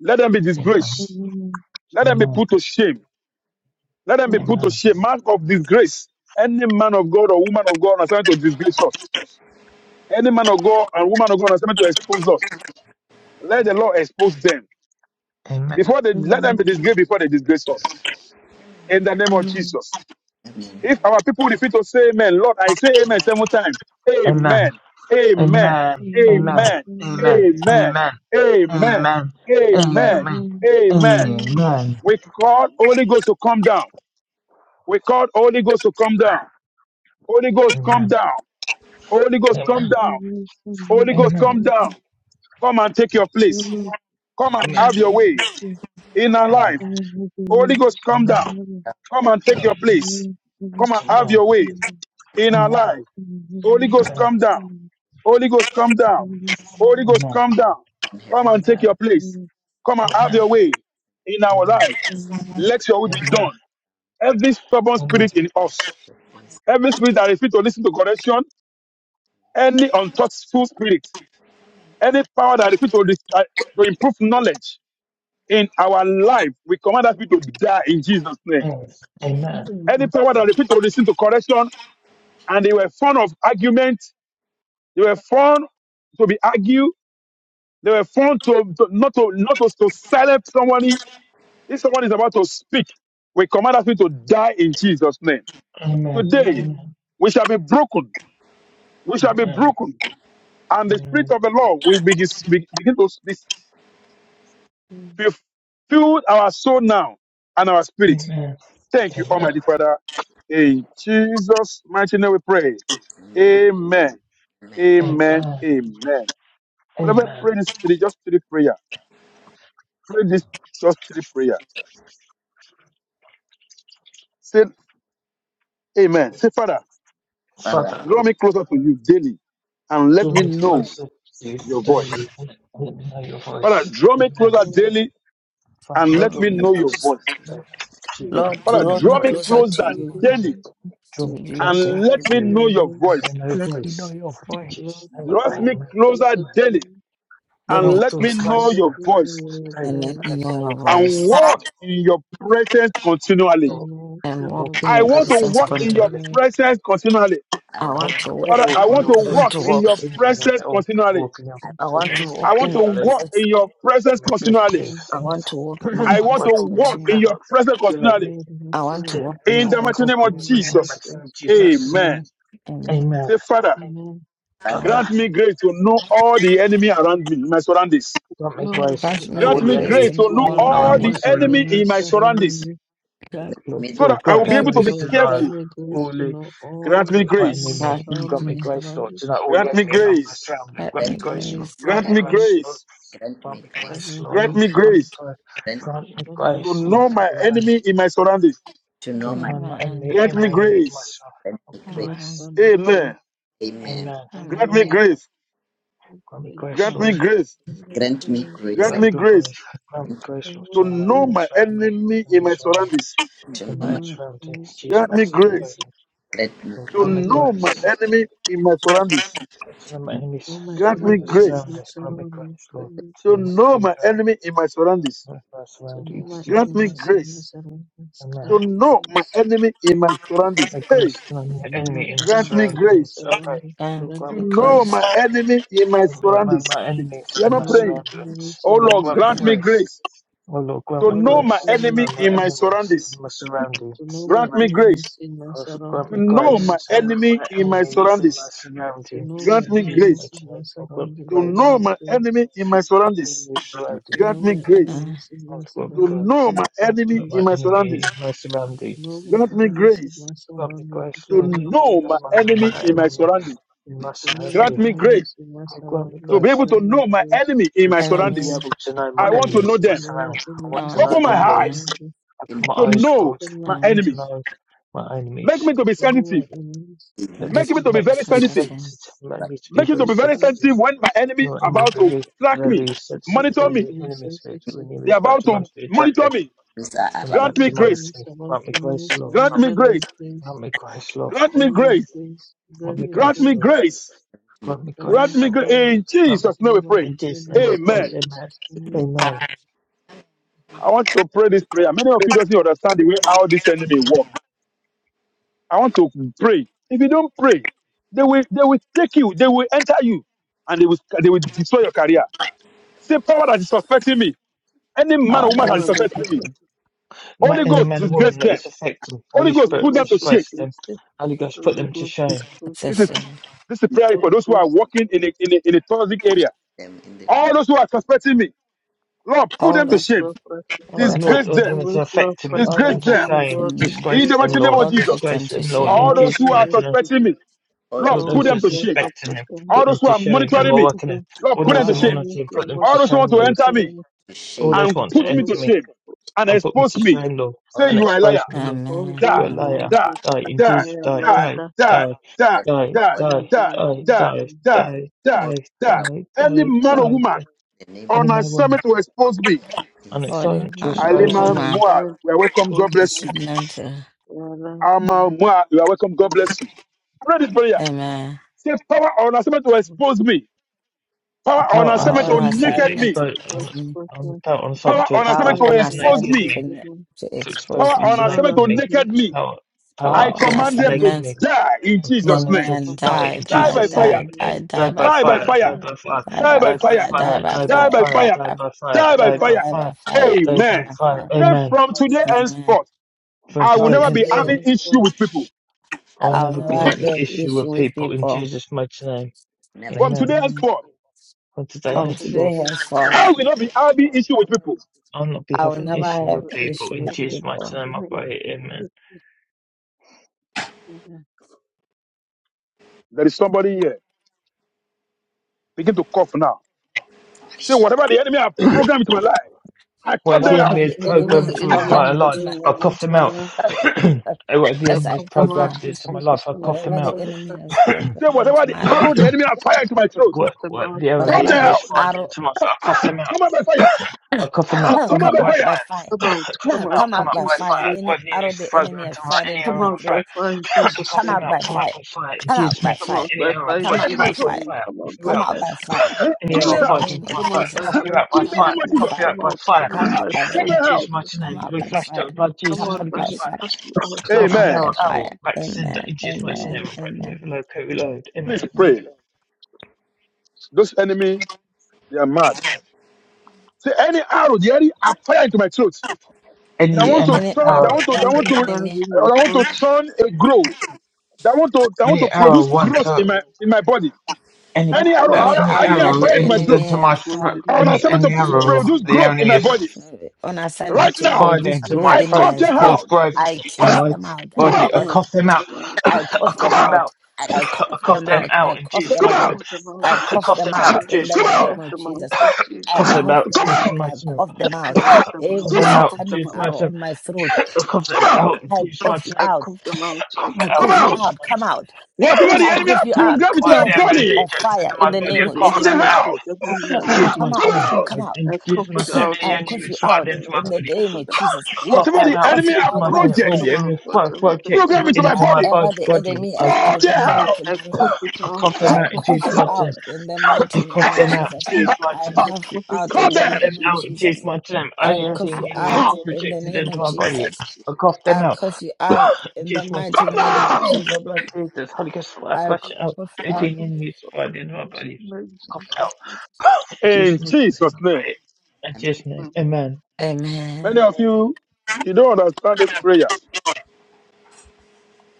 Speaker 3: Let them be
Speaker 4: amen,
Speaker 3: disgraced. Let them be
Speaker 4: amen,
Speaker 3: put to shame. Let them be put to
Speaker 4: amen,
Speaker 3: shame. Mark of disgrace. Any man of God or woman of God on assignment to disgrace us. Any man of God and woman of God on assignment to expose us. Let the Lord expose them
Speaker 4: amen,
Speaker 3: before they let them be disgraced before they disgrace us. In the name of
Speaker 5: Hmm. Hmm.
Speaker 3: Jesus.
Speaker 2: Amen.
Speaker 3: If our people refuse to say amen, Lord, I say amen seven times.
Speaker 4: amen,
Speaker 3: Amen. Amen.
Speaker 4: Amen. Amen.
Speaker 3: Amen.
Speaker 4: Amen.
Speaker 3: Amen.
Speaker 4: Amen.
Speaker 3: Amen.
Speaker 4: Amen.
Speaker 3: Amen.
Speaker 4: Amen. Amen.
Speaker 3: Amen.
Speaker 4: Amen.
Speaker 3: We call Holy Ghost to come down. We call Holy Ghost to come down. Holy Ghost, come
Speaker 4: Amen.
Speaker 3: down. Holy Ghost, come
Speaker 4: Amen.
Speaker 3: down. Holy Ghost,
Speaker 4: Amen.
Speaker 3: come down. Come and take your place. Come and
Speaker 4: Amen.
Speaker 3: have your way in our
Speaker 4: Amen. Amen.
Speaker 3: life. Holy Ghost, come
Speaker 4: Amen.
Speaker 3: down.
Speaker 5: hmm
Speaker 3: Come and take your place.
Speaker 5: And let me know
Speaker 3: Come and
Speaker 5: your
Speaker 3: have your way
Speaker 5: voice, Lord.
Speaker 3: in
Speaker 4: Amen. Amen. Amen.
Speaker 3: our life. Holy Ghost,
Speaker 4: Amen.
Speaker 3: come down. Holy Ghost, come down. Holy Ghost, come down.
Speaker 2: In
Speaker 3: Come and take your place. Come and have your way in our
Speaker 4: Amen.
Speaker 3: life. Let your will be
Speaker 4: Amen.
Speaker 3: done. Every stubborn
Speaker 4: Amen.
Speaker 3: spirit in us, every spirit that refuses to listen to correction, any untouchable spirit, any power that refuses to, dis- uh, to improve knowledge in our life, we command that spirit to die in Jesus' name.
Speaker 4: Yes. Amen.
Speaker 3: Any power that refuses to listen to correction, and they were fond of argument. They were fond to be argued. They were fond to, to not to not to, to silence somebody. If someone is about to speak, we command us to die in Jesus' name.
Speaker 4: Amen.
Speaker 3: Today,
Speaker 4: Amen.
Speaker 3: we shall be broken. We shall be
Speaker 4: Amen.
Speaker 3: broken, and the spirit
Speaker 4: Amen.
Speaker 3: of the Lord will begin, begin to be- fill our soul now and our spirit.
Speaker 4: Amen.
Speaker 3: Thank you, Almighty Father. In Jesus' mighty name, we pray.
Speaker 2: Amen.
Speaker 3: Amen.
Speaker 2: Amen.
Speaker 3: Amen. Amen.
Speaker 4: Amen. Amen.
Speaker 3: Beloved,
Speaker 4: Amen.
Speaker 3: pray this three, just three prayer. Pray this just three prayer. Say amen. Say, Father,
Speaker 2: Father,
Speaker 4: Father.
Speaker 3: draw me closer to you daily and let
Speaker 4: Draw
Speaker 3: me
Speaker 4: me
Speaker 3: know
Speaker 4: closer to you
Speaker 3: your
Speaker 4: daily
Speaker 3: voice.
Speaker 4: and let me know your
Speaker 3: Father,
Speaker 4: voice.
Speaker 3: draw me
Speaker 4: Amen.
Speaker 3: closer daily
Speaker 4: Father,
Speaker 3: and
Speaker 1: Draw
Speaker 3: let
Speaker 4: draw
Speaker 3: me
Speaker 4: me
Speaker 1: me
Speaker 3: know your
Speaker 4: closer
Speaker 1: closer
Speaker 3: voice.
Speaker 1: to
Speaker 4: daily
Speaker 1: you.
Speaker 4: to you and
Speaker 1: Lord,
Speaker 4: let me know
Speaker 3: Father,
Speaker 1: draw
Speaker 5: Come
Speaker 3: draw
Speaker 4: your
Speaker 1: me
Speaker 3: me
Speaker 4: voice.
Speaker 1: closer to
Speaker 3: closer
Speaker 1: you.
Speaker 4: Mother,
Speaker 3: daily
Speaker 4: draw
Speaker 1: To
Speaker 4: me
Speaker 1: you
Speaker 4: closer
Speaker 3: and let
Speaker 1: daily.
Speaker 4: to
Speaker 3: me
Speaker 4: you
Speaker 3: know your
Speaker 4: and let me
Speaker 3: voice.
Speaker 4: know your
Speaker 1: Let me know
Speaker 4: voice.
Speaker 1: your
Speaker 4: In
Speaker 1: voice.
Speaker 4: Jesus' name I
Speaker 3: Draw
Speaker 4: pray,
Speaker 3: me
Speaker 4: amen.
Speaker 3: closer
Speaker 5: closer to
Speaker 3: daily
Speaker 5: you,
Speaker 1: Draw
Speaker 3: and
Speaker 4: Lord,
Speaker 1: me
Speaker 3: let
Speaker 4: draw me
Speaker 3: me
Speaker 1: closer
Speaker 5: and
Speaker 3: know
Speaker 5: let
Speaker 4: closer,
Speaker 3: your
Speaker 5: me
Speaker 4: closer
Speaker 5: know
Speaker 3: voice
Speaker 5: your
Speaker 4: daily
Speaker 1: and let
Speaker 4: and
Speaker 1: me
Speaker 4: let
Speaker 5: voice.
Speaker 4: me
Speaker 1: know
Speaker 4: know
Speaker 1: your
Speaker 4: your
Speaker 3: and
Speaker 4: voice.
Speaker 1: voice.
Speaker 3: walk in your presence continually.
Speaker 4: Lord,
Speaker 5: And all
Speaker 1: And
Speaker 5: queen
Speaker 4: I
Speaker 1: walk
Speaker 5: of
Speaker 4: walk in
Speaker 1: in
Speaker 4: your
Speaker 3: I
Speaker 1: your
Speaker 3: want to
Speaker 5: process
Speaker 4: presence
Speaker 1: presence
Speaker 3: walk
Speaker 5: come
Speaker 3: in
Speaker 5: to
Speaker 3: your
Speaker 4: continually.
Speaker 5: hand,
Speaker 3: presence continually.
Speaker 2: I
Speaker 1: I
Speaker 2: want
Speaker 4: I
Speaker 1: want to
Speaker 4: walk,
Speaker 2: to
Speaker 5: all
Speaker 4: to
Speaker 3: Father,
Speaker 1: work.
Speaker 3: I
Speaker 4: walk
Speaker 5: queen
Speaker 4: in
Speaker 3: want
Speaker 4: your
Speaker 5: of
Speaker 3: to
Speaker 1: I want
Speaker 3: walk
Speaker 1: to
Speaker 4: presence
Speaker 3: in
Speaker 1: walk
Speaker 5: process
Speaker 3: your
Speaker 1: in.
Speaker 4: continually.
Speaker 3: presence
Speaker 4: I walk, to
Speaker 3: continually.
Speaker 4: walk in your
Speaker 2: I,
Speaker 5: come
Speaker 1: I want
Speaker 5: to
Speaker 1: to
Speaker 4: presence
Speaker 5: hand,
Speaker 3: I
Speaker 1: walk
Speaker 3: want
Speaker 1: in
Speaker 3: to
Speaker 1: your
Speaker 4: continually.
Speaker 3: walk
Speaker 1: presence.
Speaker 3: in your
Speaker 4: Let
Speaker 3: presence
Speaker 4: me please
Speaker 3: continually.
Speaker 4: give
Speaker 5: Lord,
Speaker 1: I want to walk in
Speaker 4: anything.
Speaker 1: your
Speaker 3: I want to
Speaker 4: What
Speaker 1: presence
Speaker 4: will be your
Speaker 3: walk in
Speaker 1: continually.
Speaker 4: presence?
Speaker 3: your presence
Speaker 4: Still in
Speaker 3: continually.
Speaker 4: me.
Speaker 5: Lord, and
Speaker 1: I want to
Speaker 4: Still
Speaker 5: to
Speaker 1: walk in
Speaker 4: and
Speaker 3: In
Speaker 1: your
Speaker 5: all
Speaker 3: the
Speaker 4: talk
Speaker 3: mighty
Speaker 4: good
Speaker 1: presence
Speaker 3: name of
Speaker 5: queen
Speaker 4: with the
Speaker 5: of
Speaker 1: continually.
Speaker 4: enemy
Speaker 3: Jesus.
Speaker 4: in
Speaker 5: process come
Speaker 4: Jesus.
Speaker 5: to
Speaker 3: Amen.
Speaker 1: Amen. Amen.
Speaker 4: Amen.
Speaker 3: Say, Father,
Speaker 5: hand.
Speaker 2: Father,
Speaker 4: Father,
Speaker 1: Ah,
Speaker 3: grant me grace to know all the enemy around me, in my surroundings.
Speaker 4: grant me
Speaker 5: Lord,
Speaker 4: grace
Speaker 1: grant
Speaker 4: to know
Speaker 1: me
Speaker 3: Grant
Speaker 4: all
Speaker 1: the
Speaker 5: grant
Speaker 4: the
Speaker 5: me
Speaker 3: me
Speaker 1: grace
Speaker 3: grace
Speaker 1: to
Speaker 4: enemy
Speaker 5: grace
Speaker 1: know
Speaker 3: to
Speaker 5: to
Speaker 3: know
Speaker 1: all
Speaker 5: know
Speaker 1: my
Speaker 3: all
Speaker 4: around
Speaker 5: all
Speaker 4: my
Speaker 1: name.
Speaker 3: the
Speaker 5: my
Speaker 3: enemy in
Speaker 5: enemies
Speaker 3: my
Speaker 4: surroundings.
Speaker 5: surrounding
Speaker 3: surroundings
Speaker 5: me.
Speaker 1: Grant
Speaker 4: Lord
Speaker 2: may the
Speaker 3: so that
Speaker 4: God,
Speaker 3: I
Speaker 4: grant
Speaker 3: will
Speaker 4: me
Speaker 3: be able
Speaker 1: grant
Speaker 3: to
Speaker 4: grace
Speaker 3: be
Speaker 1: me.
Speaker 4: to
Speaker 5: Lord,
Speaker 4: know
Speaker 5: grant
Speaker 3: careful.
Speaker 5: me
Speaker 4: all
Speaker 5: grace to
Speaker 4: the
Speaker 5: know
Speaker 3: Grant
Speaker 5: all
Speaker 3: me
Speaker 5: the enemies
Speaker 3: grace.
Speaker 4: enemy.
Speaker 1: Grant me
Speaker 5: around
Speaker 4: Grant me
Speaker 5: my
Speaker 1: grace.
Speaker 4: grace, Lord,
Speaker 5: surroundings.
Speaker 4: to know all the
Speaker 3: Grant me
Speaker 4: enemy around my
Speaker 3: grace.
Speaker 4: surroundings.
Speaker 1: Grant
Speaker 4: Grant me
Speaker 1: me
Speaker 2: grant,
Speaker 5: Grant
Speaker 4: grace, Lord.
Speaker 5: me
Speaker 1: grace.
Speaker 4: Grant me
Speaker 3: Grant
Speaker 5: grace,
Speaker 3: me
Speaker 5: Lord.
Speaker 4: grace, Lord.
Speaker 3: grace.
Speaker 2: grant me
Speaker 4: Grant me
Speaker 5: Grant
Speaker 2: grace.
Speaker 4: grace,
Speaker 5: me
Speaker 4: Lord.
Speaker 3: Grant
Speaker 1: Amen.
Speaker 3: me
Speaker 5: grace,
Speaker 4: Grant
Speaker 5: Lord.
Speaker 4: me
Speaker 3: grace
Speaker 4: grace,
Speaker 2: Grant
Speaker 4: Lord. grant me
Speaker 5: Grant me
Speaker 3: to
Speaker 4: grace,
Speaker 3: know
Speaker 5: grace,
Speaker 3: my
Speaker 5: Lord.
Speaker 4: Lord.
Speaker 3: enemy in my surroundings
Speaker 2: to know
Speaker 4: To
Speaker 2: my
Speaker 4: honor my
Speaker 1: Amen.
Speaker 4: enemy
Speaker 3: Grant
Speaker 4: and
Speaker 3: me
Speaker 4: my enemy and
Speaker 3: grace.
Speaker 4: myself.
Speaker 2: grant
Speaker 4: Grant
Speaker 2: me
Speaker 4: me
Speaker 2: grace.
Speaker 5: Lord,
Speaker 1: Amen.
Speaker 4: grace.
Speaker 5: grant me grace.
Speaker 3: Amen.
Speaker 2: Amen.
Speaker 4: Amen.
Speaker 3: Grant
Speaker 1: Amen.
Speaker 3: me
Speaker 5: Amen.
Speaker 3: grace.
Speaker 4: Grant me
Speaker 5: Grace,
Speaker 4: grace,
Speaker 3: Grant
Speaker 4: Lord.
Speaker 3: me
Speaker 1: Amen.
Speaker 3: grace.
Speaker 5: Lord,
Speaker 2: Grant me
Speaker 5: grace.
Speaker 2: grace
Speaker 3: Grant me
Speaker 4: Grant me
Speaker 3: grace
Speaker 4: grace,
Speaker 5: Grant
Speaker 4: Lord. To
Speaker 3: to
Speaker 4: honor
Speaker 5: me
Speaker 4: my
Speaker 3: know my
Speaker 4: enemies
Speaker 5: grace.
Speaker 4: around me.
Speaker 3: enemy in my
Speaker 4: Enemies around me.
Speaker 3: surroundings.
Speaker 2: to
Speaker 5: to
Speaker 4: And
Speaker 2: know
Speaker 5: know
Speaker 4: my
Speaker 2: my
Speaker 5: my
Speaker 4: enemies around me.
Speaker 5: enemies in
Speaker 4: Jesus,
Speaker 3: Grant
Speaker 4: my
Speaker 5: my
Speaker 3: me
Speaker 4: son.
Speaker 3: grace
Speaker 5: surroundings.
Speaker 4: Lord,
Speaker 2: grant me
Speaker 3: to
Speaker 2: grace.
Speaker 4: grant
Speaker 5: Grant
Speaker 4: me
Speaker 5: me
Speaker 3: know my
Speaker 4: grace.
Speaker 5: grace.
Speaker 3: enemy in my surroundings.
Speaker 4: To honor my enemies
Speaker 5: All my
Speaker 3: Grant
Speaker 4: and
Speaker 3: me
Speaker 4: my
Speaker 5: enemies in
Speaker 3: grace
Speaker 5: my
Speaker 4: surrounding. Grant me grace,
Speaker 5: surroundings.
Speaker 4: Lord.
Speaker 5: Grant me
Speaker 4: To
Speaker 3: to
Speaker 4: honor my
Speaker 5: grace.
Speaker 3: know
Speaker 4: enemies
Speaker 3: my
Speaker 4: around
Speaker 3: enemy in my surroundings.
Speaker 4: me. My
Speaker 5: To know
Speaker 4: surrounding.
Speaker 5: my
Speaker 4: Jesus,
Speaker 3: Grant
Speaker 4: my
Speaker 3: me
Speaker 4: son.
Speaker 5: enemies in my
Speaker 3: grace
Speaker 5: surroundings,
Speaker 4: Amen.
Speaker 5: grant
Speaker 3: to
Speaker 5: me
Speaker 3: know my
Speaker 5: grace.
Speaker 3: enemy in my
Speaker 4: Grant
Speaker 3: surroundings.
Speaker 4: me
Speaker 3: Hey,
Speaker 4: grace to honor my
Speaker 5: To know my
Speaker 4: enemy in my
Speaker 3: grant me
Speaker 5: enemies in
Speaker 4: surrounding.
Speaker 5: my
Speaker 3: grace
Speaker 4: I pray.
Speaker 5: surroundings,
Speaker 4: Lord,
Speaker 1: Grant
Speaker 5: grant
Speaker 3: to
Speaker 4: grant me
Speaker 1: me
Speaker 5: me
Speaker 3: know
Speaker 1: grace.
Speaker 5: grace.
Speaker 4: grace.
Speaker 3: my enemy in my
Speaker 4: Submit my,
Speaker 3: surroundings.
Speaker 4: my enemies
Speaker 3: You are
Speaker 4: in
Speaker 5: To
Speaker 3: not
Speaker 4: my
Speaker 5: know
Speaker 3: praying.
Speaker 5: my
Speaker 4: surroundings.
Speaker 5: enemies
Speaker 3: Oh
Speaker 5: in
Speaker 4: Lord,
Speaker 5: my
Speaker 3: Lord,
Speaker 4: grant me
Speaker 3: grant
Speaker 1: Ah,
Speaker 3: me
Speaker 5: surroundings,
Speaker 4: grace.
Speaker 3: grace
Speaker 4: Oh Lord, grant
Speaker 3: to
Speaker 5: O
Speaker 4: me
Speaker 3: know
Speaker 5: Lord,
Speaker 3: my
Speaker 4: grace
Speaker 5: grant
Speaker 4: to
Speaker 5: me
Speaker 3: enemy
Speaker 4: know my
Speaker 3: in my
Speaker 5: grace.
Speaker 4: enemies
Speaker 3: surroundings.
Speaker 4: in my
Speaker 5: To
Speaker 4: surroundings.
Speaker 5: know my
Speaker 3: Grant me
Speaker 5: enemies
Speaker 3: grace
Speaker 5: in my
Speaker 4: Lord, grant
Speaker 3: to
Speaker 4: me
Speaker 5: surroundings, grant
Speaker 3: know
Speaker 4: grace
Speaker 5: me
Speaker 3: my
Speaker 4: to
Speaker 5: grace.
Speaker 4: know
Speaker 3: enemy
Speaker 4: my
Speaker 3: in my
Speaker 4: enemies in my
Speaker 3: surroundings.
Speaker 5: To
Speaker 4: surroundings.
Speaker 5: know my
Speaker 3: Grant
Speaker 4: In
Speaker 3: me
Speaker 4: Jesus'
Speaker 5: enemies
Speaker 3: grace
Speaker 4: mighty
Speaker 5: in my
Speaker 4: name, Lord, grant me
Speaker 5: surroundings,
Speaker 3: to
Speaker 5: grant
Speaker 4: grace.
Speaker 3: know
Speaker 5: me
Speaker 3: my
Speaker 5: grace.
Speaker 3: enemy in my surroundings.
Speaker 4: Enemies
Speaker 5: To
Speaker 4: surrounding.
Speaker 3: Grant
Speaker 5: know
Speaker 3: me
Speaker 5: my
Speaker 3: grace
Speaker 1: ah.
Speaker 5: enemies in
Speaker 4: Lord,
Speaker 5: my
Speaker 4: grant me
Speaker 3: to
Speaker 5: surroundings,
Speaker 4: grace
Speaker 3: know
Speaker 5: grant
Speaker 3: my
Speaker 5: me
Speaker 4: to
Speaker 3: enemy
Speaker 4: know my
Speaker 3: in
Speaker 5: grace.
Speaker 3: my
Speaker 4: enemy
Speaker 3: surroundings.
Speaker 4: in my surroundings.
Speaker 5: To know my
Speaker 3: Grant me
Speaker 5: enemies in
Speaker 3: grace
Speaker 5: my
Speaker 4: Grant me
Speaker 5: surroundings,
Speaker 4: grace,
Speaker 3: to
Speaker 5: grant
Speaker 4: Lord,
Speaker 5: me
Speaker 3: know
Speaker 4: to know
Speaker 3: my
Speaker 5: grace.
Speaker 4: my,
Speaker 3: enemy
Speaker 4: my
Speaker 3: in my
Speaker 4: enemy
Speaker 3: surroundings.
Speaker 4: in my
Speaker 5: To know my
Speaker 3: Grant
Speaker 4: surroundings.
Speaker 3: me grace
Speaker 5: enemies in my
Speaker 4: Lord, grant me
Speaker 5: surroundings,
Speaker 3: to be
Speaker 4: grace
Speaker 3: able to
Speaker 5: grant me
Speaker 3: know my
Speaker 5: grace
Speaker 3: enemy
Speaker 4: to,
Speaker 3: in my
Speaker 4: to be
Speaker 3: surroundings.
Speaker 1: Enemy,
Speaker 4: able to know my
Speaker 3: I
Speaker 5: Through
Speaker 3: want to
Speaker 5: any
Speaker 4: enemies
Speaker 3: know
Speaker 4: in
Speaker 5: to
Speaker 4: my
Speaker 3: them.
Speaker 5: know my
Speaker 4: surroundings. I
Speaker 1: I
Speaker 4: want to
Speaker 5: enemies
Speaker 1: want
Speaker 4: know
Speaker 3: Open
Speaker 1: to
Speaker 3: my
Speaker 5: in
Speaker 4: them,
Speaker 5: my
Speaker 1: know
Speaker 4: Lord.
Speaker 1: that
Speaker 3: eyes
Speaker 5: surrounding.
Speaker 4: Open my
Speaker 3: to
Speaker 4: eyes,
Speaker 3: know
Speaker 4: Lord,
Speaker 5: Open
Speaker 1: I
Speaker 5: my
Speaker 3: my
Speaker 1: want
Speaker 4: to
Speaker 3: enemies.
Speaker 5: eyes
Speaker 4: know my
Speaker 3: Make
Speaker 4: enemies.
Speaker 3: me to be
Speaker 5: to know my
Speaker 3: sensitive.
Speaker 5: enemies.
Speaker 2: In my
Speaker 4: Let me
Speaker 3: Make
Speaker 1: to
Speaker 3: me
Speaker 1: be
Speaker 4: to
Speaker 3: to be
Speaker 4: make me
Speaker 3: very
Speaker 4: to be
Speaker 3: sensitive.
Speaker 1: sensitive.
Speaker 4: sensitive. Make
Speaker 2: life.
Speaker 4: me to be
Speaker 5: Make
Speaker 3: Make it to
Speaker 4: very
Speaker 5: me
Speaker 3: be very
Speaker 5: to
Speaker 4: sensitive.
Speaker 3: sensitive when my enemy
Speaker 4: Not only
Speaker 3: about to
Speaker 4: very,
Speaker 3: track me,
Speaker 4: very
Speaker 5: make
Speaker 4: sensitive
Speaker 3: monitor
Speaker 5: me
Speaker 4: when
Speaker 3: me.
Speaker 5: to
Speaker 4: the
Speaker 5: be
Speaker 4: enemy
Speaker 5: sensitive
Speaker 4: speaks, when he
Speaker 5: to
Speaker 3: They're
Speaker 4: is about
Speaker 3: about
Speaker 4: to
Speaker 3: to
Speaker 4: monitor me, attract
Speaker 3: monitor
Speaker 4: me,
Speaker 3: me.
Speaker 2: These are
Speaker 4: when
Speaker 2: around
Speaker 3: Grant
Speaker 4: about
Speaker 3: me
Speaker 5: my
Speaker 4: to monitor
Speaker 3: grace.
Speaker 5: enemies
Speaker 4: me.
Speaker 5: about
Speaker 4: Grant me
Speaker 5: to
Speaker 4: grace,
Speaker 5: monitor
Speaker 4: Lord.
Speaker 5: me.
Speaker 3: Grant me
Speaker 5: God me
Speaker 3: grace.
Speaker 4: Grant
Speaker 5: grace.
Speaker 4: me grace, Lord.
Speaker 3: Grant
Speaker 5: God
Speaker 3: me
Speaker 5: me
Speaker 3: grace.
Speaker 5: grace.
Speaker 4: Grant
Speaker 5: God
Speaker 4: me
Speaker 5: me
Speaker 3: Grant
Speaker 4: grace,
Speaker 3: me
Speaker 4: Lord.
Speaker 5: grace.
Speaker 3: grace.
Speaker 4: Grant me
Speaker 5: God
Speaker 3: Grant
Speaker 5: me
Speaker 4: grace.
Speaker 3: me grace.
Speaker 5: grace.
Speaker 3: In
Speaker 4: Grant me.
Speaker 3: Jesus' name
Speaker 5: Know
Speaker 3: we pray.
Speaker 4: In
Speaker 5: my
Speaker 4: Jesus' name we
Speaker 5: enemies in
Speaker 4: pray.
Speaker 3: Amen.
Speaker 4: Amen.
Speaker 5: Jesus' name.
Speaker 4: Amen.
Speaker 5: Amen.
Speaker 3: I want to pray this prayer. Many of
Speaker 5: Great
Speaker 3: you do not understand the way how this enemy works. I want to pray. If you don't pray, they will they will take you, they will enter you, and they will they will destroy your career. Say power that is suspecting me. Any man or
Speaker 1: All
Speaker 3: woman
Speaker 1: that
Speaker 3: that is
Speaker 5: power
Speaker 1: is
Speaker 5: that
Speaker 3: suspecting
Speaker 5: is
Speaker 3: me.
Speaker 5: your
Speaker 1: affecting
Speaker 4: Ma-
Speaker 3: Holy
Speaker 5: power that
Speaker 4: any
Speaker 3: Ghost,
Speaker 5: is
Speaker 4: man or
Speaker 3: disgrace
Speaker 4: woman that
Speaker 3: them.
Speaker 5: affected.
Speaker 4: is affected, Holy
Speaker 3: Holy Ghost,
Speaker 5: Holy
Speaker 4: Spirit,
Speaker 3: put them
Speaker 5: Ghost
Speaker 3: to
Speaker 5: is
Speaker 3: shame.
Speaker 4: disgrace them.
Speaker 5: Christ.
Speaker 4: Holy Ghost, put
Speaker 5: Holy
Speaker 4: them to
Speaker 5: Ghost is
Speaker 4: shame.
Speaker 3: This
Speaker 5: Christ.
Speaker 3: is
Speaker 1: possession.
Speaker 3: this is a prayer for
Speaker 5: Holy
Speaker 3: those who are
Speaker 5: Ghost,
Speaker 3: walking in a, in a, in a toxic area.
Speaker 2: them in the
Speaker 3: All
Speaker 2: name
Speaker 3: those who are suspecting me, Lord, put
Speaker 5: Holy
Speaker 1: All
Speaker 3: them to
Speaker 1: that has,
Speaker 3: shame.
Speaker 5: Ghost,
Speaker 2: of
Speaker 1: all
Speaker 2: all
Speaker 1: that
Speaker 4: Lord,
Speaker 3: Disgrace
Speaker 4: all
Speaker 1: happened,
Speaker 3: them.
Speaker 4: them
Speaker 5: O
Speaker 4: that's
Speaker 5: God, you are
Speaker 4: affected me,
Speaker 1: all
Speaker 4: put
Speaker 3: Disgrace
Speaker 4: them
Speaker 1: that
Speaker 4: to
Speaker 5: frustrating
Speaker 3: them.
Speaker 5: me,
Speaker 4: shame.
Speaker 5: God,
Speaker 1: affecting
Speaker 5: this
Speaker 1: me.
Speaker 3: In
Speaker 4: Disgrace
Speaker 5: grace
Speaker 3: the
Speaker 4: them,
Speaker 5: them
Speaker 3: mighty name
Speaker 4: Lord.
Speaker 3: of
Speaker 1: God put
Speaker 3: Jesus.
Speaker 1: them
Speaker 4: Disgrace
Speaker 1: to
Speaker 4: them,
Speaker 5: in
Speaker 4: Lord.
Speaker 5: the
Speaker 1: shame.
Speaker 4: In
Speaker 3: All
Speaker 5: mighty
Speaker 3: those
Speaker 4: Jesus'
Speaker 3: who
Speaker 5: name
Speaker 3: are
Speaker 5: of
Speaker 4: mighty name.
Speaker 3: suspecting
Speaker 5: Jesus.
Speaker 3: me,
Speaker 2: all
Speaker 3: Lord,
Speaker 4: All
Speaker 2: the
Speaker 5: All
Speaker 3: put
Speaker 4: those
Speaker 3: them
Speaker 5: those
Speaker 4: that
Speaker 3: to
Speaker 5: who are
Speaker 3: shame.
Speaker 4: suspecting them,
Speaker 5: suppressing,
Speaker 4: put
Speaker 3: All
Speaker 4: them
Speaker 3: those who
Speaker 4: to
Speaker 3: are
Speaker 4: shame. And
Speaker 3: monitoring
Speaker 5: Lord,
Speaker 4: more
Speaker 3: me,
Speaker 5: put
Speaker 4: working them.
Speaker 5: them to
Speaker 3: Lord,
Speaker 4: All
Speaker 3: put
Speaker 5: sin.
Speaker 2: grace
Speaker 4: those
Speaker 3: them
Speaker 1: All
Speaker 3: to
Speaker 4: that
Speaker 1: right.
Speaker 5: All
Speaker 3: shame.
Speaker 5: those
Speaker 4: monitoring,
Speaker 5: who
Speaker 4: put
Speaker 5: are
Speaker 4: them to
Speaker 5: much
Speaker 3: All those who
Speaker 4: shame,
Speaker 3: want to
Speaker 4: Lord.
Speaker 3: enter me
Speaker 5: considering,
Speaker 2: to
Speaker 4: All
Speaker 2: shame.
Speaker 4: those
Speaker 3: and
Speaker 4: want
Speaker 3: put
Speaker 4: to
Speaker 5: all
Speaker 3: me to
Speaker 4: enter
Speaker 5: those
Speaker 4: me
Speaker 3: shame and
Speaker 4: and put me
Speaker 5: who,
Speaker 3: expose
Speaker 4: to
Speaker 3: me,
Speaker 4: shame, Lord.
Speaker 3: say
Speaker 2: All
Speaker 4: And
Speaker 3: you are a liar.
Speaker 4: expose me, Lord.
Speaker 5: all
Speaker 1: Amen.
Speaker 3: die,
Speaker 4: You're
Speaker 5: those
Speaker 4: a
Speaker 5: who
Speaker 4: liar.
Speaker 5: want
Speaker 3: die,
Speaker 1: Amen.
Speaker 5: to
Speaker 4: Die
Speaker 5: expose
Speaker 4: in
Speaker 3: die,
Speaker 5: me,
Speaker 4: Jesus.
Speaker 5: a
Speaker 4: Die,
Speaker 5: liar,
Speaker 3: die,
Speaker 4: die,
Speaker 5: that,
Speaker 3: die,
Speaker 5: that,
Speaker 4: die,
Speaker 3: die, die,
Speaker 2: the
Speaker 4: die,
Speaker 3: die,
Speaker 2: all
Speaker 5: and
Speaker 4: die,
Speaker 5: that,
Speaker 4: die,
Speaker 5: that,
Speaker 3: die,
Speaker 4: die,
Speaker 5: and
Speaker 3: die,
Speaker 5: that,
Speaker 4: die,
Speaker 3: die,
Speaker 2: all
Speaker 4: die,
Speaker 3: die.
Speaker 2: the
Speaker 4: die,
Speaker 3: Any
Speaker 4: die,
Speaker 5: that,
Speaker 3: man or
Speaker 4: die,
Speaker 5: that.
Speaker 3: woman
Speaker 4: die.
Speaker 2: in the name
Speaker 4: Any
Speaker 3: on
Speaker 4: man or woman,
Speaker 3: assignment to expose me,
Speaker 2: of
Speaker 4: an
Speaker 2: Jesus.
Speaker 1: Only
Speaker 4: excitement to
Speaker 1: man
Speaker 5: No
Speaker 1: or
Speaker 4: expose
Speaker 3: Alima
Speaker 5: one
Speaker 4: me.
Speaker 5: else
Speaker 1: woman
Speaker 3: Moa,
Speaker 5: wanted
Speaker 3: we
Speaker 5: to
Speaker 3: are welcome. God
Speaker 5: expose
Speaker 1: on
Speaker 3: bless
Speaker 5: me,
Speaker 3: you.
Speaker 1: assignment to
Speaker 5: a liar, I,
Speaker 3: Alma Moa, you are welcome. God bless you. Pray this prayer.
Speaker 1: Amen.
Speaker 3: Say, power on assignment to expose me.
Speaker 4: I'm
Speaker 3: Power on
Speaker 4: Without on
Speaker 1: How
Speaker 3: assignment
Speaker 1: on
Speaker 5: all
Speaker 3: to
Speaker 5: I
Speaker 4: assignment
Speaker 5: said
Speaker 4: to
Speaker 3: naked
Speaker 1: assignment
Speaker 3: me.
Speaker 5: is
Speaker 1: to
Speaker 4: expose
Speaker 5: to
Speaker 4: on
Speaker 1: ex me.
Speaker 5: expose
Speaker 4: on
Speaker 5: me,
Speaker 4: without on assignment
Speaker 3: Power
Speaker 4: to
Speaker 3: on assignment
Speaker 1: How
Speaker 5: all
Speaker 4: expose
Speaker 3: to
Speaker 5: I
Speaker 4: me
Speaker 1: on
Speaker 4: to
Speaker 5: said is
Speaker 3: expose
Speaker 5: to
Speaker 4: naked
Speaker 1: assignment
Speaker 3: me.
Speaker 5: make
Speaker 1: to
Speaker 4: me
Speaker 1: ne-
Speaker 5: it
Speaker 1: to
Speaker 4: to expose
Speaker 3: Power
Speaker 1: expose
Speaker 4: me
Speaker 3: on
Speaker 4: to
Speaker 1: me.
Speaker 5: Father,
Speaker 4: naked
Speaker 3: assignment
Speaker 5: as
Speaker 3: to
Speaker 5: the
Speaker 4: me.
Speaker 3: naked
Speaker 5: virtue
Speaker 3: me.
Speaker 4: Without without on
Speaker 1: How
Speaker 3: I
Speaker 1: on
Speaker 5: wicked
Speaker 4: assignment
Speaker 5: and
Speaker 3: command
Speaker 4: to
Speaker 3: them to
Speaker 4: naked
Speaker 1: assignment.
Speaker 4: me.
Speaker 3: die in
Speaker 4: I
Speaker 3: Jesus'
Speaker 4: command them to,
Speaker 3: name.
Speaker 1: Amen.
Speaker 4: to die
Speaker 1: Die,
Speaker 5: probably
Speaker 4: in
Speaker 5: to
Speaker 3: Die
Speaker 5: the
Speaker 1: die,
Speaker 3: by
Speaker 4: Jesus'
Speaker 5: Lord
Speaker 3: fire.
Speaker 1: die,
Speaker 4: name. Eh,
Speaker 1: die,
Speaker 5: Jesus
Speaker 1: die
Speaker 4: Die by
Speaker 1: by
Speaker 3: Die by
Speaker 1: fire.
Speaker 4: fire. Die
Speaker 3: fire.
Speaker 5: Christ,
Speaker 4: by fire.
Speaker 1: Die
Speaker 3: Die
Speaker 1: by
Speaker 3: by
Speaker 4: Die by
Speaker 3: fire.
Speaker 5: for
Speaker 1: fire. Die
Speaker 4: fire.
Speaker 5: the
Speaker 1: by
Speaker 4: Die
Speaker 5: whole
Speaker 4: by
Speaker 3: Die
Speaker 1: fire.
Speaker 3: by
Speaker 1: Die
Speaker 4: fire.
Speaker 5: goodness
Speaker 3: fire.
Speaker 4: Die
Speaker 1: by fire.
Speaker 5: and
Speaker 4: by fire.
Speaker 3: Die by
Speaker 4: Die by
Speaker 3: fire.
Speaker 5: mercy
Speaker 1: Die
Speaker 4: fire.
Speaker 1: by fire.
Speaker 4: Die
Speaker 1: Die
Speaker 4: by
Speaker 3: Amen.
Speaker 1: by fire.
Speaker 4: fire.
Speaker 5: for us,
Speaker 3: Say
Speaker 5: and
Speaker 4: Amen.
Speaker 3: from today
Speaker 1: Amen.
Speaker 3: henceforth,
Speaker 4: From
Speaker 3: I will
Speaker 5: from
Speaker 1: From
Speaker 4: today
Speaker 3: never be
Speaker 5: today
Speaker 4: henceforth,
Speaker 3: having
Speaker 1: today,
Speaker 5: is the
Speaker 3: issue with people.
Speaker 2: I
Speaker 4: I'll
Speaker 2: will
Speaker 1: I will
Speaker 4: never be
Speaker 5: hour of
Speaker 4: having
Speaker 1: never
Speaker 4: an
Speaker 5: the
Speaker 1: have
Speaker 4: issue
Speaker 1: issue
Speaker 4: with
Speaker 5: priestess of
Speaker 1: with
Speaker 4: people in
Speaker 5: people.
Speaker 1: people.
Speaker 4: Jesus' mighty name.
Speaker 2: never
Speaker 3: From
Speaker 2: have
Speaker 3: today
Speaker 4: Amen.
Speaker 1: Amen.
Speaker 3: henceforth,
Speaker 4: From today
Speaker 5: From
Speaker 1: From
Speaker 5: today
Speaker 4: henceforth.
Speaker 1: today
Speaker 5: is the
Speaker 3: I
Speaker 1: henceforth,
Speaker 3: will not be having issue with people.
Speaker 4: I'll not be
Speaker 1: I will
Speaker 4: having
Speaker 5: hour
Speaker 1: never
Speaker 5: of
Speaker 4: issue
Speaker 1: have
Speaker 4: with
Speaker 5: the
Speaker 4: people.
Speaker 1: issue
Speaker 4: In
Speaker 1: with
Speaker 5: priestess of
Speaker 4: Jesus' mighty
Speaker 1: people.
Speaker 4: name, I
Speaker 5: people.
Speaker 4: pray. Amen.
Speaker 3: There is somebody here. Begin to cough now. Say whatever the enemy have programmed into my life, I
Speaker 4: What
Speaker 3: cut
Speaker 4: if the
Speaker 3: them
Speaker 1: Whatever
Speaker 4: enemy is
Speaker 1: the
Speaker 5: The Lord,
Speaker 1: enemy
Speaker 4: programmed
Speaker 5: the
Speaker 1: has
Speaker 4: to
Speaker 5: enemy
Speaker 3: out.
Speaker 5: is
Speaker 4: my
Speaker 1: programmed
Speaker 5: for
Speaker 1: into
Speaker 4: life?
Speaker 5: me
Speaker 1: my
Speaker 4: I'll cough
Speaker 5: against
Speaker 4: them
Speaker 5: my
Speaker 4: out.
Speaker 5: life.
Speaker 1: life,
Speaker 4: what if the
Speaker 5: I
Speaker 1: as
Speaker 4: enemy
Speaker 1: I
Speaker 4: is
Speaker 5: cut them
Speaker 1: cough
Speaker 5: out
Speaker 1: now,
Speaker 4: programmed
Speaker 5: in
Speaker 4: into my life?
Speaker 5: Jesus'
Speaker 4: I'll
Speaker 5: name.
Speaker 4: cough
Speaker 5: I
Speaker 4: them
Speaker 1: whatever
Speaker 4: out.
Speaker 1: the
Speaker 5: cut
Speaker 1: enemy has
Speaker 3: Say
Speaker 1: programmed
Speaker 3: whatever
Speaker 1: into
Speaker 3: the
Speaker 1: my
Speaker 3: arrow
Speaker 1: life,
Speaker 3: the enemy have fired into my
Speaker 5: I
Speaker 3: throat,
Speaker 5: cut
Speaker 4: What,
Speaker 5: them
Speaker 4: what if
Speaker 5: out in
Speaker 4: the,
Speaker 3: cut
Speaker 4: the
Speaker 1: whatever
Speaker 3: them
Speaker 4: enemy
Speaker 1: the
Speaker 4: is
Speaker 5: Jesus'
Speaker 3: out.
Speaker 5: name.
Speaker 4: fired
Speaker 1: arrow
Speaker 4: into my life? I'll cough them out.
Speaker 3: Come out by fire.
Speaker 4: I'll cough them out.
Speaker 3: Come
Speaker 4: Come
Speaker 3: out
Speaker 4: up
Speaker 1: come
Speaker 3: by
Speaker 4: by
Speaker 1: out
Speaker 3: fire.
Speaker 1: by
Speaker 4: fire.
Speaker 1: fire.
Speaker 5: Come out,
Speaker 4: cough
Speaker 5: come
Speaker 1: Now
Speaker 4: them
Speaker 5: out
Speaker 4: out.
Speaker 1: Come
Speaker 4: Come
Speaker 5: in
Speaker 1: out
Speaker 4: up
Speaker 1: by
Speaker 4: by
Speaker 5: Jesus'
Speaker 4: fire.
Speaker 1: fire.
Speaker 5: name.
Speaker 1: Any
Speaker 4: What if the enemy
Speaker 1: arrow
Speaker 4: is
Speaker 1: the enemy
Speaker 4: programmed to
Speaker 1: has
Speaker 4: my
Speaker 1: fired
Speaker 4: any
Speaker 1: into
Speaker 5: Come
Speaker 4: arrow in
Speaker 1: my
Speaker 4: my
Speaker 5: out by
Speaker 1: throat.
Speaker 4: throat?
Speaker 5: fire in Jesus'
Speaker 4: cough
Speaker 1: Come
Speaker 4: them
Speaker 5: name.
Speaker 1: out
Speaker 4: out.
Speaker 1: by
Speaker 4: Come up
Speaker 1: fire.
Speaker 4: by fire. In
Speaker 1: Come out
Speaker 4: Jesus'
Speaker 1: by
Speaker 4: mighty
Speaker 5: Come
Speaker 4: name,
Speaker 1: fire.
Speaker 5: out
Speaker 4: any
Speaker 5: by
Speaker 4: arrow in
Speaker 3: I
Speaker 4: my
Speaker 5: fire in
Speaker 1: Come
Speaker 4: body,
Speaker 3: fired
Speaker 1: out
Speaker 4: come
Speaker 3: my
Speaker 1: by
Speaker 4: up
Speaker 5: Jesus'
Speaker 4: by
Speaker 3: throat.
Speaker 1: fire.
Speaker 5: name.
Speaker 4: fire.
Speaker 5: Come
Speaker 4: Cough
Speaker 5: out
Speaker 4: you
Speaker 5: by
Speaker 1: Come
Speaker 4: out.
Speaker 1: out
Speaker 5: fire.
Speaker 1: by fire.
Speaker 4: Any
Speaker 1: In
Speaker 3: Come
Speaker 4: arrow
Speaker 1: the
Speaker 3: out.
Speaker 4: fired
Speaker 1: name
Speaker 4: into
Speaker 1: of
Speaker 4: my
Speaker 5: Come
Speaker 4: throat,
Speaker 5: out by
Speaker 1: Jesus.
Speaker 4: cough you
Speaker 5: fire in
Speaker 4: out
Speaker 3: In
Speaker 4: by
Speaker 3: the
Speaker 1: Come
Speaker 4: fire.
Speaker 1: out
Speaker 5: Jesus'
Speaker 3: name of
Speaker 1: by
Speaker 5: name.
Speaker 4: Cough
Speaker 3: Jesus.
Speaker 4: you
Speaker 1: fire.
Speaker 5: Come
Speaker 4: out by
Speaker 5: out.
Speaker 4: fire
Speaker 5: Come out
Speaker 1: Come out
Speaker 5: by
Speaker 1: by
Speaker 5: fire
Speaker 3: Come
Speaker 1: fire.
Speaker 5: in
Speaker 4: In Jesus'
Speaker 3: out.
Speaker 4: mighty
Speaker 5: Jesus'
Speaker 1: Come
Speaker 4: name,
Speaker 5: name.
Speaker 1: out
Speaker 4: blue
Speaker 1: by
Speaker 4: flashed out
Speaker 1: fire.
Speaker 4: with blood,
Speaker 5: Come
Speaker 4: Jesus,
Speaker 1: Come out
Speaker 5: out
Speaker 4: Holy
Speaker 5: by
Speaker 1: by
Speaker 4: Ghost fire,
Speaker 1: fire.
Speaker 5: cast him out in
Speaker 1: Come
Speaker 4: cough in the
Speaker 1: out
Speaker 3: Amen.
Speaker 1: by
Speaker 4: arrow,
Speaker 5: Jesus'
Speaker 4: owl,
Speaker 1: fire.
Speaker 5: name.
Speaker 4: back to sender,
Speaker 1: Amen.
Speaker 4: in Jesus' mighty name,
Speaker 1: Amen.
Speaker 5: Amen.
Speaker 4: I'm breaking
Speaker 1: Amen.
Speaker 4: with low, coat reload, co-reload,
Speaker 3: Please
Speaker 4: amen.
Speaker 1: Amen.
Speaker 3: pray. Those enemy. They are mad. See, any arrow, the any are fire into my throat. They
Speaker 4: Any,
Speaker 5: Any
Speaker 3: want
Speaker 4: any
Speaker 3: to
Speaker 1: Any
Speaker 3: turn, They
Speaker 4: arrow,
Speaker 1: arrow
Speaker 3: want to, They
Speaker 5: arrow
Speaker 1: that the
Speaker 3: want to,
Speaker 5: fired
Speaker 1: enemy,
Speaker 5: in my
Speaker 3: or I want to
Speaker 5: throat
Speaker 3: turn a grow. They want to, They want to
Speaker 4: any arrow
Speaker 3: produce
Speaker 4: once,
Speaker 3: growth
Speaker 4: uh,
Speaker 3: in my in my body.
Speaker 4: any,
Speaker 5: that
Speaker 3: Any arrow,
Speaker 4: uh,
Speaker 5: want
Speaker 1: any
Speaker 5: to
Speaker 4: any
Speaker 3: ar-
Speaker 1: arrow
Speaker 3: enemy are
Speaker 1: that
Speaker 4: arrow
Speaker 5: produce
Speaker 3: fire
Speaker 1: the
Speaker 3: into
Speaker 5: growth
Speaker 3: my
Speaker 4: entered
Speaker 1: enemy
Speaker 3: throat.
Speaker 4: into my
Speaker 1: has
Speaker 5: growth
Speaker 4: throat,
Speaker 1: found
Speaker 5: in
Speaker 3: I
Speaker 5: my
Speaker 3: want
Speaker 4: any,
Speaker 1: to
Speaker 3: something to
Speaker 5: body.
Speaker 4: any
Speaker 1: my
Speaker 3: p-
Speaker 4: arrow,
Speaker 1: throat
Speaker 3: produce
Speaker 4: the
Speaker 3: growth in
Speaker 4: enemy
Speaker 3: my
Speaker 1: on,
Speaker 4: is
Speaker 1: a,
Speaker 3: body.
Speaker 1: on
Speaker 5: And
Speaker 4: f-
Speaker 5: also
Speaker 3: Right
Speaker 1: assignment to
Speaker 3: now,
Speaker 1: grow,
Speaker 5: want to
Speaker 4: fired
Speaker 1: produce
Speaker 4: into my
Speaker 1: growth
Speaker 3: I
Speaker 5: produce
Speaker 1: in
Speaker 4: throat
Speaker 3: cut
Speaker 1: my
Speaker 4: to
Speaker 5: growth
Speaker 3: them
Speaker 5: in
Speaker 4: cause
Speaker 1: throat,
Speaker 3: out.
Speaker 5: my
Speaker 4: growth
Speaker 5: body.
Speaker 1: I
Speaker 4: in
Speaker 1: cast
Speaker 4: my
Speaker 1: them out.
Speaker 3: Come
Speaker 1: I
Speaker 5: Right
Speaker 4: body,
Speaker 3: out,
Speaker 4: I
Speaker 1: cast
Speaker 5: now,
Speaker 4: cough them out,
Speaker 5: come out.
Speaker 1: I
Speaker 4: I
Speaker 1: cough
Speaker 5: Come
Speaker 3: come
Speaker 4: cough
Speaker 5: out.
Speaker 1: them
Speaker 4: them
Speaker 3: out,
Speaker 1: out.
Speaker 4: out,
Speaker 2: I
Speaker 1: I
Speaker 4: I
Speaker 1: cough
Speaker 4: cough
Speaker 1: them
Speaker 4: them
Speaker 1: out. I
Speaker 4: out, in
Speaker 1: cough
Speaker 4: Jesus'
Speaker 1: them
Speaker 3: come
Speaker 4: mighty
Speaker 1: out.
Speaker 3: out,
Speaker 4: name,
Speaker 5: Come out
Speaker 1: I
Speaker 5: in
Speaker 4: I
Speaker 1: cough
Speaker 4: cough
Speaker 5: Jesus'
Speaker 1: them
Speaker 4: them out,
Speaker 1: out
Speaker 4: in
Speaker 5: name.
Speaker 1: in
Speaker 4: Jesus'
Speaker 1: the
Speaker 3: come
Speaker 4: mighty
Speaker 1: name
Speaker 4: name,
Speaker 3: out,
Speaker 1: of
Speaker 5: Come out
Speaker 1: Jesus.
Speaker 5: in
Speaker 3: come out,
Speaker 1: I
Speaker 4: cough
Speaker 5: Jesus'
Speaker 4: them
Speaker 1: cough
Speaker 4: out, in
Speaker 1: them
Speaker 4: Jesus'
Speaker 1: out. I
Speaker 4: mighty name.
Speaker 1: cough them
Speaker 5: I
Speaker 1: out.
Speaker 5: cough them out.
Speaker 4: Cough
Speaker 1: Every
Speaker 5: I
Speaker 3: come
Speaker 4: them
Speaker 3: out,
Speaker 4: out,
Speaker 5: cough
Speaker 4: and
Speaker 5: them
Speaker 1: satanic
Speaker 4: juice
Speaker 5: out.
Speaker 4: my
Speaker 1: arrow
Speaker 4: chest.
Speaker 1: on my throat,
Speaker 4: Cough
Speaker 3: come
Speaker 4: them
Speaker 3: out,
Speaker 4: out, and
Speaker 1: I
Speaker 4: juice my
Speaker 1: cough you
Speaker 4: chest.
Speaker 5: I
Speaker 1: out.
Speaker 5: cough them out. I
Speaker 4: Cough it
Speaker 1: I
Speaker 5: cough
Speaker 4: out,
Speaker 3: come
Speaker 1: cough
Speaker 5: them
Speaker 4: and
Speaker 1: you
Speaker 3: out.
Speaker 5: out.
Speaker 4: juice
Speaker 1: out.
Speaker 4: my
Speaker 1: Come
Speaker 4: chest.
Speaker 1: out.
Speaker 3: Whatever the
Speaker 1: I
Speaker 3: enemy
Speaker 1: cough
Speaker 3: have
Speaker 4: Them
Speaker 1: you
Speaker 4: out.
Speaker 1: out.
Speaker 3: programmed into
Speaker 1: Come
Speaker 4: My
Speaker 3: my
Speaker 1: out
Speaker 4: damn nerves
Speaker 1: by
Speaker 3: body,
Speaker 4: protected
Speaker 1: fire
Speaker 4: in my
Speaker 1: in the
Speaker 4: body.
Speaker 1: name
Speaker 4: I
Speaker 5: Whatever
Speaker 1: of
Speaker 5: the
Speaker 4: cough
Speaker 3: come the
Speaker 1: Jesus.
Speaker 5: enemy
Speaker 4: them
Speaker 5: has
Speaker 4: out,
Speaker 3: out,
Speaker 5: programmed in my
Speaker 4: and juice my
Speaker 1: Come
Speaker 5: body,
Speaker 3: come
Speaker 1: out.
Speaker 4: chest.
Speaker 3: out.
Speaker 1: Come out.
Speaker 5: I
Speaker 4: I
Speaker 5: cough
Speaker 4: juice my
Speaker 5: it
Speaker 4: chest.
Speaker 5: out
Speaker 4: Many
Speaker 1: I
Speaker 5: in
Speaker 1: cough
Speaker 4: enemies
Speaker 1: you
Speaker 5: Jesus'
Speaker 4: swatted
Speaker 1: out
Speaker 5: name.
Speaker 4: into my
Speaker 1: in
Speaker 5: I
Speaker 1: the
Speaker 4: body.
Speaker 5: cough
Speaker 1: name
Speaker 5: it
Speaker 1: of
Speaker 5: out.
Speaker 1: Jesus.
Speaker 4: I cough
Speaker 5: I
Speaker 3: Whatever
Speaker 1: I
Speaker 4: them
Speaker 3: the
Speaker 4: out and
Speaker 1: cough
Speaker 3: enemy
Speaker 1: you
Speaker 4: juice
Speaker 3: have
Speaker 1: out
Speaker 4: my
Speaker 5: come
Speaker 1: by
Speaker 5: out.
Speaker 4: chest. All
Speaker 3: project,
Speaker 1: fire.
Speaker 4: the
Speaker 5: Come out.
Speaker 4: enemies
Speaker 5: Whatever the
Speaker 3: program
Speaker 4: projected
Speaker 3: into
Speaker 5: enemy
Speaker 3: my
Speaker 5: has
Speaker 4: into my
Speaker 3: body.
Speaker 1: Whatever
Speaker 5: protected
Speaker 1: the
Speaker 5: in my
Speaker 4: body.
Speaker 1: enemy
Speaker 4: I
Speaker 1: has
Speaker 5: body,
Speaker 3: Call
Speaker 4: cough
Speaker 3: the
Speaker 4: them
Speaker 1: projected
Speaker 4: out.
Speaker 3: hell.
Speaker 1: into
Speaker 5: I
Speaker 1: my life.
Speaker 5: cough it
Speaker 4: I
Speaker 5: out.
Speaker 4: cough
Speaker 5: I
Speaker 4: them
Speaker 1: I
Speaker 4: out and
Speaker 5: cough
Speaker 4: juice
Speaker 5: it
Speaker 1: cough you
Speaker 4: my
Speaker 5: out.
Speaker 4: chest.
Speaker 1: out in the
Speaker 4: I
Speaker 1: mighty
Speaker 4: cough
Speaker 1: name of
Speaker 4: them out, and
Speaker 1: Jesus.
Speaker 4: juice my
Speaker 1: I
Speaker 4: chest.
Speaker 5: I
Speaker 1: cough you
Speaker 5: cough it
Speaker 1: out
Speaker 3: Call
Speaker 1: in
Speaker 5: out
Speaker 1: the
Speaker 4: Cough
Speaker 5: in
Speaker 3: them.
Speaker 4: them
Speaker 1: name of
Speaker 4: out
Speaker 5: Jesus'
Speaker 4: in Jesus'
Speaker 1: Jesus.
Speaker 5: name.
Speaker 4: mighty name. Only
Speaker 1: I cough
Speaker 4: anything
Speaker 1: you
Speaker 5: I
Speaker 4: is
Speaker 1: out
Speaker 5: cough.
Speaker 3: Come
Speaker 1: in
Speaker 5: it
Speaker 1: the
Speaker 4: projected
Speaker 1: name
Speaker 4: into
Speaker 1: of
Speaker 4: my
Speaker 5: out
Speaker 4: body.
Speaker 5: in
Speaker 1: Jesus.
Speaker 5: Jesus' name.
Speaker 4: I cough them
Speaker 1: I
Speaker 4: out.
Speaker 1: cough you out in the
Speaker 4: Chase my mighty
Speaker 1: mighty
Speaker 4: name. Father,
Speaker 1: name of
Speaker 4: flush out
Speaker 3: out.
Speaker 4: my
Speaker 1: Jesus.
Speaker 4: blood. Jesus, Holy Ghost, I
Speaker 1: I
Speaker 4: flush it out.
Speaker 1: cough you
Speaker 5: Lord,
Speaker 1: out.
Speaker 4: Anything
Speaker 5: Lord,
Speaker 4: enemy is fired into my body.
Speaker 5: Lord,
Speaker 4: Cough it
Speaker 5: Jesus' name.
Speaker 4: out. Chase
Speaker 3: In
Speaker 4: my mighty name,
Speaker 3: Jesus'
Speaker 4: I
Speaker 3: name.
Speaker 4: pray. In
Speaker 2: Amen.
Speaker 4: Jesus' name, amen.
Speaker 3: Many
Speaker 1: Amen.
Speaker 3: of you, you don't understand this prayer.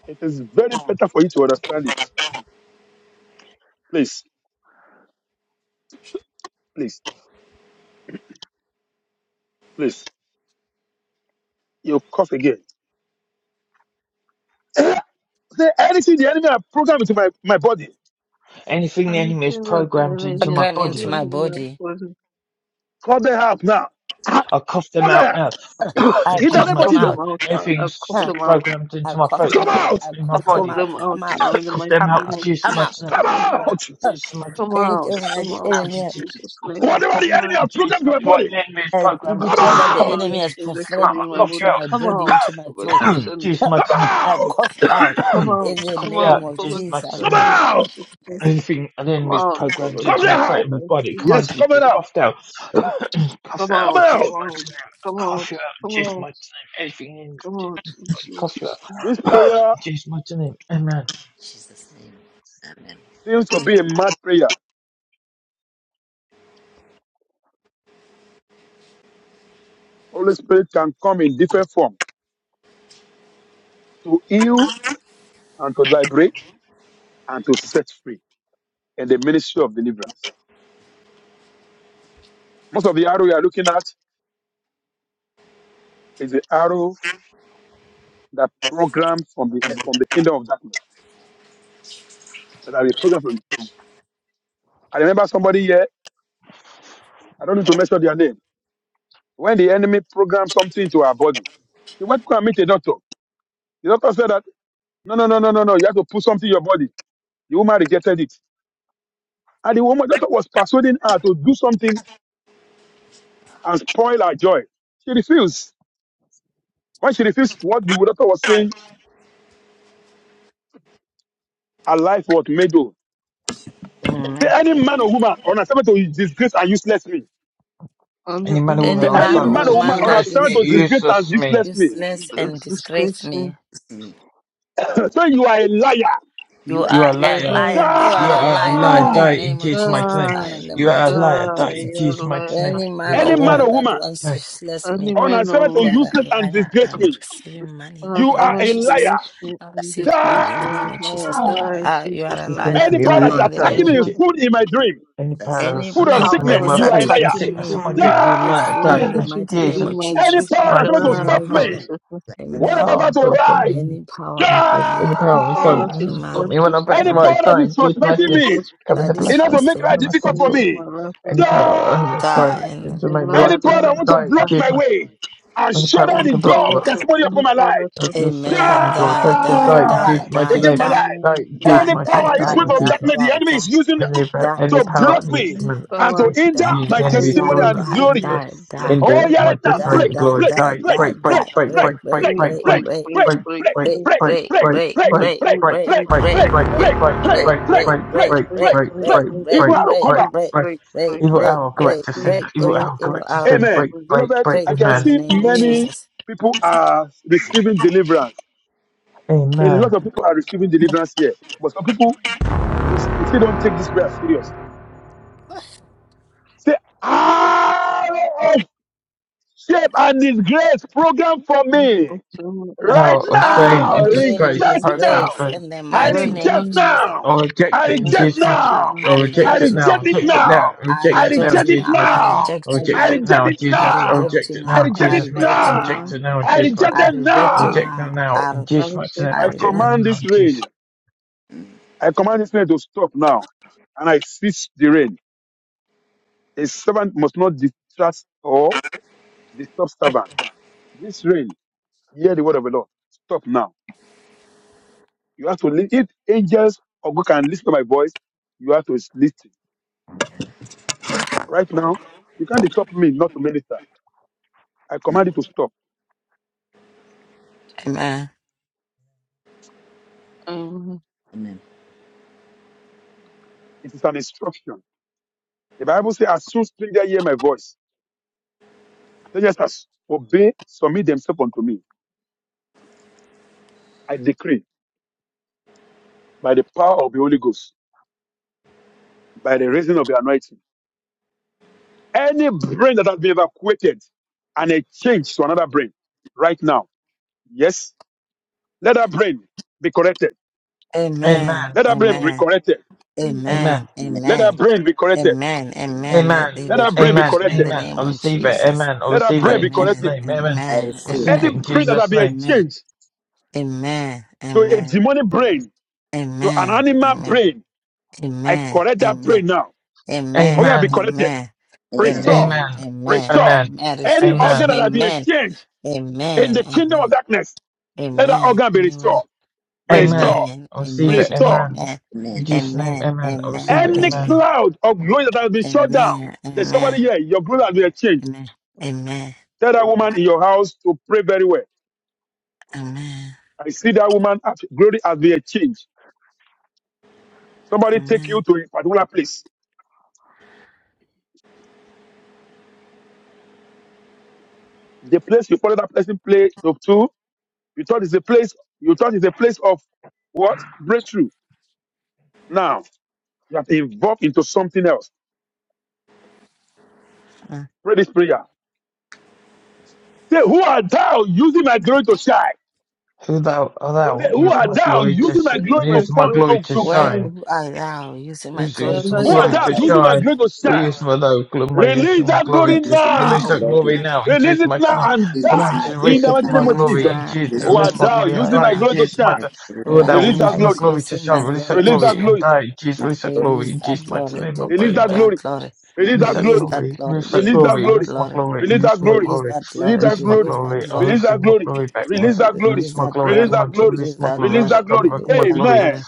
Speaker 3: It is very better for you to understand it. Please, please, please. You cough again. Eh, Say anything the enemy have programmed into my, my body.
Speaker 4: Anything
Speaker 5: I
Speaker 4: the
Speaker 5: feel
Speaker 4: enemy is
Speaker 5: that the
Speaker 4: programmed
Speaker 1: I
Speaker 4: into
Speaker 5: enemy has
Speaker 4: my
Speaker 1: Again into
Speaker 4: body.
Speaker 5: programmed
Speaker 1: my
Speaker 5: in my
Speaker 1: body.
Speaker 5: body.
Speaker 3: Call them out now. Ah,
Speaker 4: I'll cough
Speaker 3: Call
Speaker 4: them out
Speaker 3: them.
Speaker 4: now.
Speaker 1: Uh, I
Speaker 3: In the
Speaker 5: I
Speaker 4: Use
Speaker 1: cough
Speaker 3: name
Speaker 4: my
Speaker 3: of
Speaker 1: them
Speaker 5: cough
Speaker 3: Jesus.
Speaker 4: tongue.
Speaker 5: them
Speaker 1: out.
Speaker 5: out
Speaker 1: Uh,
Speaker 5: now. I cough
Speaker 4: Everything's
Speaker 1: uh,
Speaker 5: them out.
Speaker 4: programmed
Speaker 1: I
Speaker 4: into my
Speaker 1: cough
Speaker 4: throat,
Speaker 1: them
Speaker 3: Come
Speaker 1: out.
Speaker 3: out.
Speaker 1: I
Speaker 4: in my
Speaker 5: I
Speaker 1: cough them
Speaker 5: cough
Speaker 4: body.
Speaker 1: out.
Speaker 5: them out
Speaker 1: Come out.
Speaker 5: now in the
Speaker 4: cough
Speaker 5: mighty
Speaker 4: them
Speaker 1: Come
Speaker 4: out,
Speaker 5: name
Speaker 4: and
Speaker 1: out.
Speaker 5: of
Speaker 4: juice
Speaker 1: Come
Speaker 4: my
Speaker 1: out.
Speaker 5: Jesus.
Speaker 4: throat.
Speaker 3: Come
Speaker 5: Come
Speaker 4: Cough
Speaker 5: out.
Speaker 4: them out,
Speaker 3: out.
Speaker 4: and
Speaker 1: Uh,
Speaker 4: juice my throat.
Speaker 5: Come out.
Speaker 1: Anything that
Speaker 5: Come
Speaker 1: the
Speaker 5: out.
Speaker 4: Command
Speaker 5: In
Speaker 1: enemy,
Speaker 4: you to
Speaker 5: Jesus'
Speaker 4: cough it.
Speaker 5: name.
Speaker 4: I'll
Speaker 3: Whatever
Speaker 4: cough
Speaker 3: the
Speaker 5: Come
Speaker 4: you
Speaker 3: enemy
Speaker 4: out
Speaker 5: out.
Speaker 3: have
Speaker 4: and juice
Speaker 3: programmed into
Speaker 4: my
Speaker 3: my
Speaker 4: Right,
Speaker 3: body.
Speaker 4: the enemy is
Speaker 1: has-
Speaker 4: programmed to
Speaker 3: Come
Speaker 5: Pass
Speaker 4: my
Speaker 1: everything
Speaker 4: body.
Speaker 5: over
Speaker 1: that
Speaker 5: the
Speaker 1: the
Speaker 3: out!
Speaker 4: command
Speaker 1: enemy
Speaker 5: areas
Speaker 4: you
Speaker 1: has
Speaker 4: to come
Speaker 5: projected
Speaker 4: out.
Speaker 1: profaned
Speaker 5: in
Speaker 4: I'll
Speaker 5: my
Speaker 4: cough
Speaker 1: into
Speaker 4: you
Speaker 5: body.
Speaker 4: out,
Speaker 1: my
Speaker 5: Come
Speaker 1: body,
Speaker 5: out.
Speaker 1: into my
Speaker 5: Go back
Speaker 1: throat.
Speaker 5: to
Speaker 4: and
Speaker 5: sun.
Speaker 4: juice my
Speaker 3: Come
Speaker 4: tongue.
Speaker 1: I
Speaker 3: out!
Speaker 1: cough you out
Speaker 5: Come out.
Speaker 1: in
Speaker 4: I'll
Speaker 1: the
Speaker 5: Come
Speaker 4: cough you out,
Speaker 1: name
Speaker 5: out.
Speaker 4: and
Speaker 1: of
Speaker 5: Go back
Speaker 4: juice my
Speaker 5: to
Speaker 1: Jesus.
Speaker 3: Come
Speaker 4: tongue.
Speaker 5: sunlight.
Speaker 3: out!
Speaker 5: Jesus' name.
Speaker 4: Anything an
Speaker 5: Come
Speaker 4: enemy is
Speaker 5: out. Go
Speaker 4: programmed
Speaker 5: back
Speaker 3: Come
Speaker 4: into my
Speaker 5: to
Speaker 3: out!
Speaker 4: fatal
Speaker 5: sunlight.
Speaker 4: body,
Speaker 3: Yes,
Speaker 5: Jesus.
Speaker 4: command you
Speaker 3: come
Speaker 4: to be
Speaker 3: out!
Speaker 4: coughed out,
Speaker 5: Come
Speaker 4: cough out
Speaker 3: Come
Speaker 4: and
Speaker 5: out. Come
Speaker 4: juice
Speaker 3: out!
Speaker 4: my
Speaker 5: out.
Speaker 4: name,
Speaker 5: Come
Speaker 4: cough
Speaker 5: out.
Speaker 4: you out and
Speaker 5: Come
Speaker 4: juice my
Speaker 5: out.
Speaker 4: name, anything in
Speaker 5: Come out.
Speaker 4: my
Speaker 5: In
Speaker 4: body, cough you out
Speaker 5: Jesus' name.
Speaker 3: This prayer
Speaker 4: and juice my name, amen.
Speaker 2: In Jesus' name. Amen.
Speaker 3: seems to be a mad prayer. Holy Spirit can come in different form to heal and to liberate and to set free in the ministry of deliverance. Most of the arrow you are looking at is the arrow that programmed from the from the kingdom of darkness. That are programmed from. I remember somebody here. I don't need to mention their name. When the enemy programmed something to our body, he went to go and meet a doctor. The doctor said that. No, no, no, no, no, no. You have to put something in your body. The woman rejected it. And the woman, doctor was persuading her to do something and spoil her joy. She refused. When she refused what the doctor was saying, her life was made over. Say
Speaker 1: Amen.
Speaker 3: any man or woman on assignment to disgrace and useless me.
Speaker 5: I'm
Speaker 4: Any
Speaker 5: the
Speaker 4: man or
Speaker 5: only
Speaker 4: woman
Speaker 1: Any
Speaker 3: Say
Speaker 5: man
Speaker 4: on
Speaker 5: of
Speaker 3: any
Speaker 1: man
Speaker 4: assignment
Speaker 1: or
Speaker 3: man or
Speaker 4: to
Speaker 5: us. I
Speaker 3: woman
Speaker 1: woman
Speaker 3: on
Speaker 1: that
Speaker 5: to
Speaker 4: disgrace
Speaker 3: assignment
Speaker 1: is
Speaker 3: to
Speaker 4: me,
Speaker 5: disgrace,
Speaker 3: disgrace and
Speaker 4: useless me,
Speaker 3: useless me.
Speaker 1: useless and disgrace
Speaker 5: disgrace me.
Speaker 1: me,
Speaker 2: It's me.
Speaker 3: so you are a liar.
Speaker 1: you
Speaker 2: You
Speaker 4: you
Speaker 2: ask
Speaker 1: are
Speaker 4: are a
Speaker 1: a
Speaker 5: Yeah,
Speaker 4: liar,
Speaker 5: liar.
Speaker 1: liar. You
Speaker 4: you
Speaker 1: are a
Speaker 4: are a
Speaker 1: liar
Speaker 4: liar,
Speaker 1: in the
Speaker 4: die
Speaker 3: Ah!
Speaker 4: in
Speaker 1: name of
Speaker 5: Any
Speaker 4: Jesus' mighty
Speaker 1: Jesus.
Speaker 4: name,
Speaker 1: Die in the
Speaker 4: you
Speaker 5: man
Speaker 4: are a
Speaker 1: mighty name
Speaker 4: liar,
Speaker 1: of
Speaker 4: die in
Speaker 1: Jesus.
Speaker 5: or
Speaker 4: Jesus' mighty name,
Speaker 1: Any
Speaker 4: you
Speaker 1: man
Speaker 4: are
Speaker 3: Any
Speaker 4: a
Speaker 1: or
Speaker 3: man
Speaker 4: liar,
Speaker 1: woman
Speaker 3: or
Speaker 1: that
Speaker 3: woman
Speaker 1: wants to
Speaker 4: die,
Speaker 1: useless me,
Speaker 3: on assignment to
Speaker 1: you are
Speaker 5: woman,
Speaker 1: a
Speaker 3: useless and
Speaker 1: liar.
Speaker 3: disgrace
Speaker 1: I'm
Speaker 3: me.
Speaker 1: receiving money in
Speaker 5: uh,
Speaker 3: You
Speaker 1: the name
Speaker 3: are
Speaker 1: of
Speaker 5: servant
Speaker 3: a
Speaker 5: to
Speaker 1: Jesus.
Speaker 5: which
Speaker 3: liar.
Speaker 5: me
Speaker 1: I
Speaker 5: in
Speaker 1: receive
Speaker 5: this
Speaker 1: money
Speaker 5: grace
Speaker 1: in the name of
Speaker 5: whereby I
Speaker 1: Jesus.
Speaker 3: Die!
Speaker 5: die in
Speaker 1: Ah, you are a
Speaker 5: Jesus' name.
Speaker 4: disgrace
Speaker 1: liar.
Speaker 3: Any
Speaker 4: me, you are
Speaker 3: power
Speaker 4: a
Speaker 1: Die
Speaker 3: that's
Speaker 1: in
Speaker 4: liar,
Speaker 1: the
Speaker 4: die in Jesus'
Speaker 3: attacking
Speaker 4: mighty
Speaker 1: name.
Speaker 4: name.
Speaker 3: me
Speaker 5: Ella,
Speaker 3: with food in my dream,
Speaker 4: Any
Speaker 2: us.
Speaker 1: Any
Speaker 4: powers
Speaker 3: food of
Speaker 5: any
Speaker 4: attacking
Speaker 1: power
Speaker 4: me with
Speaker 1: that
Speaker 3: sickness,
Speaker 5: power
Speaker 4: my
Speaker 1: is
Speaker 5: that
Speaker 3: you are a
Speaker 4: food,
Speaker 5: is
Speaker 4: in
Speaker 1: attacking
Speaker 3: liar.
Speaker 4: sickness
Speaker 1: me.
Speaker 4: and my
Speaker 5: attacking me
Speaker 4: drink, in the
Speaker 1: with
Speaker 4: light of
Speaker 1: food
Speaker 5: and
Speaker 1: in
Speaker 4: day.
Speaker 1: the
Speaker 4: in
Speaker 3: Die!
Speaker 5: putting
Speaker 1: mighty
Speaker 5: food
Speaker 1: name
Speaker 4: Jesus,
Speaker 5: in
Speaker 1: of
Speaker 5: my
Speaker 3: Any
Speaker 5: dream,
Speaker 1: Jesus.
Speaker 3: power that's
Speaker 4: mighty
Speaker 3: about to
Speaker 5: die
Speaker 4: in
Speaker 1: Any
Speaker 4: my
Speaker 3: stop
Speaker 5: in
Speaker 1: power,
Speaker 4: pain.
Speaker 3: me,
Speaker 5: Jesus' name.
Speaker 4: Any
Speaker 3: what
Speaker 1: amen.
Speaker 3: I'm
Speaker 4: power
Speaker 3: about
Speaker 4: of
Speaker 3: to
Speaker 4: silence stop
Speaker 5: And
Speaker 3: write,
Speaker 4: me
Speaker 1: Any
Speaker 4: coming
Speaker 1: power,
Speaker 4: to blood.
Speaker 1: mm,
Speaker 4: Any
Speaker 5: Any
Speaker 4: power of
Speaker 5: power
Speaker 4: silence
Speaker 5: that
Speaker 3: die!
Speaker 4: doesn't
Speaker 5: is
Speaker 4: stop
Speaker 1: amen.
Speaker 5: want
Speaker 4: me when
Speaker 5: to
Speaker 4: I'm back
Speaker 5: stop
Speaker 4: to
Speaker 3: Any
Speaker 1: amen.
Speaker 5: me
Speaker 3: power
Speaker 4: right
Speaker 3: that is
Speaker 4: dying. Jesus, mighty
Speaker 3: suspecting
Speaker 5: when
Speaker 4: name.
Speaker 3: me,
Speaker 5: God's
Speaker 4: come in the
Speaker 1: That
Speaker 4: blood.
Speaker 1: is
Speaker 5: presence
Speaker 3: in order
Speaker 5: are
Speaker 3: to
Speaker 4: Jesus,
Speaker 3: make
Speaker 1: fasting.
Speaker 4: we
Speaker 3: life
Speaker 5: are
Speaker 4: must
Speaker 3: difficult
Speaker 4: seem
Speaker 3: for
Speaker 5: coming to
Speaker 4: sort
Speaker 5: my
Speaker 3: me,
Speaker 5: life and
Speaker 4: Any
Speaker 5: I have to
Speaker 4: power
Speaker 5: write.
Speaker 4: under the
Speaker 1: Die,
Speaker 4: silence
Speaker 3: die!
Speaker 1: and,
Speaker 4: to make my
Speaker 5: Ella,
Speaker 4: life
Speaker 5: I
Speaker 3: Any
Speaker 4: to
Speaker 3: power
Speaker 5: die,
Speaker 3: that wants to
Speaker 4: die.
Speaker 5: I
Speaker 4: in
Speaker 3: block
Speaker 5: die.
Speaker 4: Jesus,
Speaker 3: my
Speaker 4: my
Speaker 3: way and
Speaker 4: any
Speaker 3: shut
Speaker 4: power
Speaker 3: down
Speaker 4: want
Speaker 5: Any
Speaker 3: the
Speaker 4: to
Speaker 5: power
Speaker 4: block
Speaker 3: door
Speaker 4: me.
Speaker 3: of
Speaker 5: that,
Speaker 3: testimony upon
Speaker 5: any
Speaker 3: my
Speaker 5: power that
Speaker 3: life,
Speaker 4: I'll
Speaker 5: wants to
Speaker 4: just shut
Speaker 5: block
Speaker 4: down
Speaker 1: amen.
Speaker 4: the
Speaker 5: my way.
Speaker 4: door.
Speaker 1: Die,
Speaker 4: Test to
Speaker 1: die,
Speaker 4: die. in
Speaker 1: die,
Speaker 4: Jesus,
Speaker 3: die!
Speaker 4: mighty
Speaker 1: die,
Speaker 3: Against
Speaker 4: name.
Speaker 3: my
Speaker 1: die,
Speaker 3: life.
Speaker 4: Die.
Speaker 5: Lord
Speaker 4: in Jesus,
Speaker 3: Any
Speaker 1: die,
Speaker 5: God,
Speaker 4: mighty
Speaker 1: die,
Speaker 4: name.
Speaker 3: power,
Speaker 5: God,
Speaker 3: is
Speaker 4: die.
Speaker 1: die,
Speaker 3: full
Speaker 4: in
Speaker 5: God,
Speaker 3: of
Speaker 1: die,
Speaker 4: Jesus.
Speaker 1: die,
Speaker 3: darkness, the
Speaker 1: die,
Speaker 3: enemy is
Speaker 1: die,
Speaker 3: using.
Speaker 1: die, die,
Speaker 3: to block me
Speaker 5: keep
Speaker 3: and
Speaker 5: our
Speaker 3: to
Speaker 1: die,
Speaker 3: injure
Speaker 1: die, die, die, die, die, die, die,
Speaker 3: my testimony
Speaker 5: family
Speaker 3: and
Speaker 1: die,
Speaker 3: glory.
Speaker 5: busy to
Speaker 3: Oh, yeah,
Speaker 5: keep
Speaker 3: right now.
Speaker 5: me
Speaker 3: Break,
Speaker 1: die,
Speaker 3: break,
Speaker 1: die,
Speaker 3: break,
Speaker 1: die,
Speaker 3: break,
Speaker 1: die,
Speaker 3: break,
Speaker 1: break, break,
Speaker 5: free,
Speaker 3: break,
Speaker 1: break,
Speaker 3: break,
Speaker 5: free,
Speaker 1: break,
Speaker 3: break,
Speaker 5: free,
Speaker 3: break,
Speaker 5: free,
Speaker 3: break,
Speaker 1: break,
Speaker 5: free,
Speaker 3: break,
Speaker 1: break,
Speaker 3: break,
Speaker 1: break,
Speaker 3: break,
Speaker 5: free, free,
Speaker 1: break,
Speaker 5: free,
Speaker 3: break,
Speaker 1: break, break,
Speaker 3: break, break,
Speaker 5: free,
Speaker 1: break, break, break,
Speaker 3: break,
Speaker 5: free,
Speaker 1: break,
Speaker 3: break,
Speaker 1: break,
Speaker 3: break,
Speaker 1: break,
Speaker 5: free, free,
Speaker 1: break,
Speaker 3: break,
Speaker 5: free,
Speaker 3: break.
Speaker 1: break,
Speaker 5: free,
Speaker 3: Evil
Speaker 5: free,
Speaker 3: arrow, come back.
Speaker 5: free,
Speaker 1: break,
Speaker 5: free, free,
Speaker 1: break, break, break,
Speaker 5: free, free,
Speaker 1: break, every
Speaker 5: free,
Speaker 1: evil arrow,
Speaker 5: free,
Speaker 3: Amen.
Speaker 1: break,
Speaker 5: free.
Speaker 3: Beloved,
Speaker 1: break
Speaker 3: I can
Speaker 1: in the
Speaker 3: see
Speaker 1: name of
Speaker 5: Amen.
Speaker 3: many
Speaker 1: Jesus.
Speaker 3: people are receiving deliverance. A lot of people are receiving deliverance here. But some people, you, s- you still don't take this prayer serious. Say, ah! Shape and disgrace program for
Speaker 5: Thank
Speaker 3: me.
Speaker 5: you so and
Speaker 3: Right
Speaker 5: this day
Speaker 1: Arrow
Speaker 5: for
Speaker 3: now,
Speaker 1: of
Speaker 5: blessing
Speaker 1: shame and
Speaker 5: me.
Speaker 3: reject now.
Speaker 1: disgrace in the
Speaker 3: I
Speaker 5: Right
Speaker 1: mighty name
Speaker 3: reject
Speaker 1: of
Speaker 5: now,
Speaker 1: Jesus.
Speaker 3: now.
Speaker 4: Oh, reject
Speaker 3: I
Speaker 1: I
Speaker 4: it,
Speaker 5: I
Speaker 3: reject
Speaker 5: reject
Speaker 4: engage
Speaker 1: reject you
Speaker 4: matter.
Speaker 5: it
Speaker 1: now.
Speaker 3: now.
Speaker 5: now.
Speaker 1: I
Speaker 4: Oh,
Speaker 5: I
Speaker 3: I
Speaker 4: reject
Speaker 1: reject
Speaker 4: it
Speaker 1: you
Speaker 5: reject
Speaker 4: now,
Speaker 1: now.
Speaker 3: reject
Speaker 5: it
Speaker 3: it
Speaker 4: reject
Speaker 5: now.
Speaker 4: it now,
Speaker 3: now.
Speaker 1: I
Speaker 4: reject
Speaker 3: I
Speaker 4: it
Speaker 5: I
Speaker 4: now,
Speaker 1: reject
Speaker 3: reject
Speaker 1: you
Speaker 3: it
Speaker 5: reject
Speaker 4: engage
Speaker 1: now.
Speaker 5: it
Speaker 4: matter.
Speaker 1: I
Speaker 5: now.
Speaker 3: now.
Speaker 4: Oh,
Speaker 1: reject
Speaker 5: I
Speaker 1: you
Speaker 3: I
Speaker 4: reject it
Speaker 1: now.
Speaker 5: reject
Speaker 3: reject
Speaker 4: now,
Speaker 5: it
Speaker 3: it
Speaker 5: now.
Speaker 1: I
Speaker 4: Jesus. Oh,
Speaker 3: now.
Speaker 1: reject
Speaker 4: reject
Speaker 1: you
Speaker 4: it
Speaker 3: I
Speaker 4: now,
Speaker 1: now.
Speaker 5: I
Speaker 3: reject
Speaker 1: I
Speaker 3: it
Speaker 4: Jesus
Speaker 5: reject
Speaker 4: matter.
Speaker 1: reject
Speaker 4: Oh,
Speaker 5: it
Speaker 1: you
Speaker 3: now.
Speaker 4: reject
Speaker 5: now.
Speaker 1: now.
Speaker 4: it now,
Speaker 5: I
Speaker 3: I
Speaker 4: Jesus
Speaker 3: reject
Speaker 5: reject
Speaker 1: I
Speaker 4: matter.
Speaker 5: it
Speaker 3: them
Speaker 5: now.
Speaker 4: Oh,
Speaker 1: reject you
Speaker 3: now.
Speaker 4: reject them
Speaker 1: now.
Speaker 4: now,
Speaker 1: I,
Speaker 4: engage
Speaker 5: Thank
Speaker 4: matter.
Speaker 1: I,
Speaker 4: Oh,
Speaker 3: I
Speaker 5: you,
Speaker 4: reject them
Speaker 3: command
Speaker 4: now,
Speaker 3: this
Speaker 4: in Jesus.
Speaker 3: rain. I command this rain to stop now. And I cease the rain. A servant must not distrust or disturb servant. This rain, hear the word of the Lord. Stop now. You have to listen. If angels or God can listen to my voice, you have to listen. Right now, you can't stop me not to minister. I command you to stop.
Speaker 1: amen.
Speaker 2: Amen.
Speaker 3: It is an instruction. The Bible says, as soon stranger hear my voice, strangers as obey, submit themselves unto me. I decree by the power of the Holy Ghost, by the reason of the anointing, any brain that has been evacuated and it changed to another brain right now. Yes, let that brain be corrected.
Speaker 1: Amen.
Speaker 4: Amen.
Speaker 3: Let that brain be
Speaker 1: Amen.
Speaker 3: corrected.
Speaker 4: Amen.
Speaker 1: Amen.
Speaker 2: Amen.
Speaker 3: Let that
Speaker 1: Amen.
Speaker 3: brain be corrected.
Speaker 1: Amen.
Speaker 2: Amen.
Speaker 1: Amen. Let
Speaker 4: Amen.
Speaker 1: there be
Speaker 3: Let that brain be
Speaker 4: Amen.
Speaker 1: restoration in
Speaker 3: corrected.
Speaker 1: the
Speaker 4: Amen. I
Speaker 1: name of
Speaker 4: receive it.
Speaker 2: Amen.
Speaker 1: Jesus.
Speaker 4: Amen. I
Speaker 3: Let our
Speaker 4: receive
Speaker 3: brain
Speaker 4: it
Speaker 3: be
Speaker 4: in Jesus'
Speaker 1: Amen.
Speaker 3: corrected.
Speaker 4: name. Amen.
Speaker 2: I
Speaker 1: Amen.
Speaker 4: I
Speaker 2: receive.
Speaker 4: receive
Speaker 3: Any
Speaker 4: it
Speaker 1: Amen.
Speaker 4: in
Speaker 3: brain that has
Speaker 4: Jesus'
Speaker 3: been
Speaker 4: name.
Speaker 1: Amen.
Speaker 3: exchanged
Speaker 1: Amen.
Speaker 3: to a
Speaker 1: Amen.
Speaker 3: demonic brain, to an
Speaker 1: Amen.
Speaker 3: animal
Speaker 1: Amen.
Speaker 3: brain, I
Speaker 1: Amen.
Speaker 3: correct that
Speaker 1: Amen.
Speaker 3: brain now. Oh
Speaker 1: Amen.
Speaker 3: yeah, be
Speaker 4: Amen.
Speaker 3: corrected.
Speaker 1: Amen.
Speaker 2: Amen.
Speaker 3: Restore.
Speaker 1: Amen.
Speaker 4: Amen.
Speaker 1: Amen.
Speaker 3: Restore.
Speaker 4: Amen.
Speaker 1: Amen.
Speaker 3: Any organ
Speaker 1: Restoration.
Speaker 4: Amen.
Speaker 3: that has been
Speaker 1: Amen.
Speaker 3: exchanged in
Speaker 1: Amen.
Speaker 3: the kingdom of
Speaker 1: Amen.
Speaker 3: darkness, let that
Speaker 1: Amen.
Speaker 3: organ be
Speaker 1: Anyway.
Speaker 3: restored. Restore,
Speaker 4: Amen.
Speaker 3: restore.
Speaker 1: Amen.
Speaker 4: I receive
Speaker 1: Amen.
Speaker 4: it. Amen.
Speaker 1: Amen.
Speaker 4: In
Speaker 2: Amen.
Speaker 4: Jesus' name,
Speaker 1: Amen.
Speaker 4: Amen. I
Speaker 1: Amen.
Speaker 4: receive it.
Speaker 3: Any
Speaker 1: Amen.
Speaker 4: Amen.
Speaker 3: cloud of glory that has been shut down,
Speaker 1: Amen.
Speaker 3: there's
Speaker 1: Amen.
Speaker 3: somebody here, your glory has been exchanged.
Speaker 1: Amen. Amen.
Speaker 3: Tell that woman in your house to pray very well.
Speaker 1: Amen.
Speaker 3: I see that woman, glory has been exchanged. Somebody take you
Speaker 1: Amen.
Speaker 3: to a particular place. The place you follow that person play to, to you thought is a place you thought is a place of what? Breakthrough. Now you have evolved into something else.
Speaker 1: Uh,
Speaker 3: Pray this prayer. Say, who are thou using my glory to shine?
Speaker 4: Who thou art
Speaker 3: Say,
Speaker 4: thou?
Speaker 3: who
Speaker 4: Use
Speaker 3: are
Speaker 4: my
Speaker 3: thou
Speaker 4: glory to
Speaker 3: using
Speaker 4: sh-
Speaker 3: my glory to
Speaker 4: use my
Speaker 3: front
Speaker 4: glory
Speaker 3: to,
Speaker 4: to
Speaker 3: to
Speaker 1: Where
Speaker 4: shine.
Speaker 1: who are thou? Using my
Speaker 4: Use,
Speaker 1: glory
Speaker 4: use
Speaker 1: to
Speaker 4: my
Speaker 3: who are
Speaker 4: glory
Speaker 3: thou
Speaker 1: shine.
Speaker 4: to
Speaker 2: I, you
Speaker 3: using my
Speaker 4: shine.
Speaker 3: glory to
Speaker 4: We
Speaker 3: shine?
Speaker 4: use my low, gl- my use
Speaker 3: Release
Speaker 4: my
Speaker 3: that
Speaker 2: are
Speaker 4: glory
Speaker 3: glory
Speaker 4: to
Speaker 2: my
Speaker 4: release
Speaker 3: now.
Speaker 4: that
Speaker 2: glory.
Speaker 4: glory now in
Speaker 3: Release
Speaker 4: Jesus'
Speaker 3: it
Speaker 4: mighty
Speaker 3: now
Speaker 4: name.
Speaker 2: And
Speaker 3: and
Speaker 2: it
Speaker 4: Come
Speaker 2: is
Speaker 4: on,
Speaker 2: my
Speaker 3: die
Speaker 4: just
Speaker 3: in
Speaker 4: release
Speaker 3: the
Speaker 2: glory
Speaker 4: that-
Speaker 3: mighty
Speaker 1: I
Speaker 4: my
Speaker 3: name
Speaker 2: now.
Speaker 3: of
Speaker 1: Release
Speaker 3: Jesus.
Speaker 4: glory in
Speaker 1: now.
Speaker 2: It
Speaker 4: Jesus,
Speaker 1: I
Speaker 2: is
Speaker 3: Who are
Speaker 4: release
Speaker 1: Release
Speaker 4: my
Speaker 1: my
Speaker 3: thou
Speaker 4: glory and
Speaker 3: using
Speaker 1: glory
Speaker 4: die
Speaker 3: my
Speaker 4: in
Speaker 1: now.
Speaker 3: glory to
Speaker 4: Jesus'
Speaker 3: shine?
Speaker 2: my
Speaker 4: mighty name.
Speaker 2: glory now.
Speaker 4: Lord, that will
Speaker 3: Release
Speaker 1: Wherever
Speaker 3: that
Speaker 4: use my
Speaker 3: glory.
Speaker 1: is
Speaker 4: glory to
Speaker 1: using
Speaker 4: shine.
Speaker 1: my
Speaker 4: Release
Speaker 1: glory
Speaker 4: that
Speaker 1: to
Speaker 3: Release that
Speaker 4: glory and
Speaker 1: shine.
Speaker 3: glory.
Speaker 4: die in Jesus,
Speaker 2: My
Speaker 4: release that
Speaker 2: glory
Speaker 4: glory
Speaker 1: Release
Speaker 4: in
Speaker 1: that
Speaker 4: Jesus' mighty
Speaker 1: glory.
Speaker 4: name. I
Speaker 1: Release
Speaker 3: Release
Speaker 4: pray.
Speaker 3: that
Speaker 4: Amen.
Speaker 1: that
Speaker 3: glory.
Speaker 1: glory.
Speaker 3: Release
Speaker 2: now.
Speaker 4: Release
Speaker 3: that
Speaker 4: that
Speaker 1: Release
Speaker 3: glory.
Speaker 1: that
Speaker 4: glory,
Speaker 1: glory.
Speaker 4: release that
Speaker 3: Release
Speaker 1: Release
Speaker 3: that
Speaker 4: glory,
Speaker 1: that
Speaker 3: glory.
Speaker 4: release my
Speaker 1: glory.
Speaker 4: glory,
Speaker 3: Release
Speaker 4: release
Speaker 3: that
Speaker 4: my
Speaker 3: glory.
Speaker 1: Release
Speaker 4: glory,
Speaker 1: that
Speaker 3: Release
Speaker 1: glory.
Speaker 3: that
Speaker 4: release my
Speaker 3: glory.
Speaker 1: Release that
Speaker 4: glory. I
Speaker 3: Release
Speaker 1: glory.
Speaker 4: receive
Speaker 3: that
Speaker 4: my
Speaker 3: glory.
Speaker 4: glory back.
Speaker 3: Release
Speaker 4: Release
Speaker 3: that glory.
Speaker 4: release
Speaker 1: Release
Speaker 4: my
Speaker 1: that
Speaker 4: glory.
Speaker 3: Release
Speaker 4: Come
Speaker 1: glory.
Speaker 3: that
Speaker 4: on, you
Speaker 3: glory.
Speaker 4: release
Speaker 1: Release
Speaker 4: my
Speaker 1: that
Speaker 4: glory,
Speaker 3: Release
Speaker 1: glory.
Speaker 3: that glory.
Speaker 4: recover my
Speaker 1: Release that
Speaker 4: glory.
Speaker 1: glory.
Speaker 3: Amen.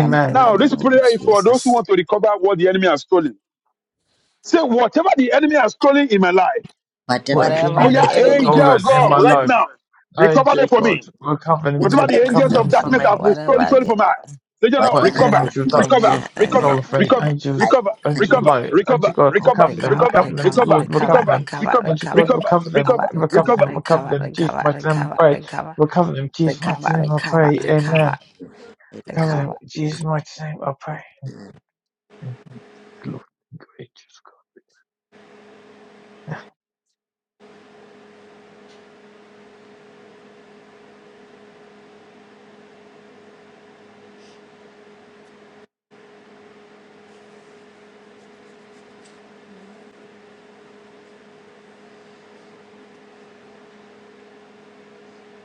Speaker 2: Um,
Speaker 1: In the
Speaker 3: Now, this
Speaker 1: name of
Speaker 3: prayer is for those who
Speaker 1: Jesus.
Speaker 3: want to recover what the enemy has stolen. Say, whatever the enemy has stolen in my life,
Speaker 4: What
Speaker 2: whatever the
Speaker 4: the
Speaker 3: oh
Speaker 1: Whatever
Speaker 2: enemy
Speaker 4: enemy
Speaker 1: the
Speaker 3: yeah,
Speaker 2: is
Speaker 4: has
Speaker 2: going to
Speaker 1: enemy
Speaker 3: angel of
Speaker 1: has
Speaker 4: stolen in
Speaker 3: God,
Speaker 4: my
Speaker 2: life,
Speaker 3: right
Speaker 1: stolen.
Speaker 4: life?
Speaker 3: now,
Speaker 4: I,
Speaker 3: recover them
Speaker 4: dear
Speaker 3: for
Speaker 4: God,
Speaker 3: me.
Speaker 4: recover them,
Speaker 3: Whatever
Speaker 1: They
Speaker 3: the
Speaker 1: cover
Speaker 4: recover
Speaker 3: angels
Speaker 1: them
Speaker 3: of
Speaker 4: them
Speaker 1: for
Speaker 4: for
Speaker 3: darkness
Speaker 1: me.
Speaker 4: me.
Speaker 3: have
Speaker 1: Whatever
Speaker 3: restored
Speaker 1: I
Speaker 3: stolen
Speaker 1: did.
Speaker 3: from us, say, "Dear Lord,
Speaker 4: weren't the
Speaker 2: whatever the
Speaker 3: recover,
Speaker 4: only
Speaker 1: Amen.
Speaker 2: enemy
Speaker 4: two
Speaker 2: is going
Speaker 4: types
Speaker 3: recover,
Speaker 4: of
Speaker 1: Amen.
Speaker 3: recover,
Speaker 4: soul
Speaker 1: Amen.
Speaker 4: of fate.
Speaker 3: recover,
Speaker 1: Amen.
Speaker 2: to
Speaker 4: Angels,
Speaker 3: recover,
Speaker 1: God.
Speaker 4: angel
Speaker 3: recover,
Speaker 4: light,
Speaker 3: recover,
Speaker 4: angel God,
Speaker 3: recover,
Speaker 4: recover
Speaker 2: do,
Speaker 4: them,
Speaker 1: Recover,
Speaker 3: recover,
Speaker 4: recover them,
Speaker 1: recover,
Speaker 3: recover, recover,
Speaker 4: Lord,
Speaker 1: recover,
Speaker 4: recover
Speaker 3: recover,
Speaker 4: them,
Speaker 1: recover,
Speaker 4: angel
Speaker 1: recover,
Speaker 4: God,
Speaker 3: recover,
Speaker 4: recover them,
Speaker 3: recover,
Speaker 1: cover,
Speaker 4: recover
Speaker 1: recover,
Speaker 3: recover.
Speaker 1: recover,
Speaker 4: them, recover
Speaker 1: recover,
Speaker 4: them, Jesus
Speaker 1: recover,
Speaker 4: mighty name, I pray,
Speaker 1: recover,
Speaker 4: recover them,
Speaker 1: recover,
Speaker 4: Jesus mighty name, I
Speaker 1: recover,
Speaker 4: pray,
Speaker 1: recover,
Speaker 4: Amen. Recover them,
Speaker 1: recover.
Speaker 4: Jesus mighty name, I pray. And glory, great Jesus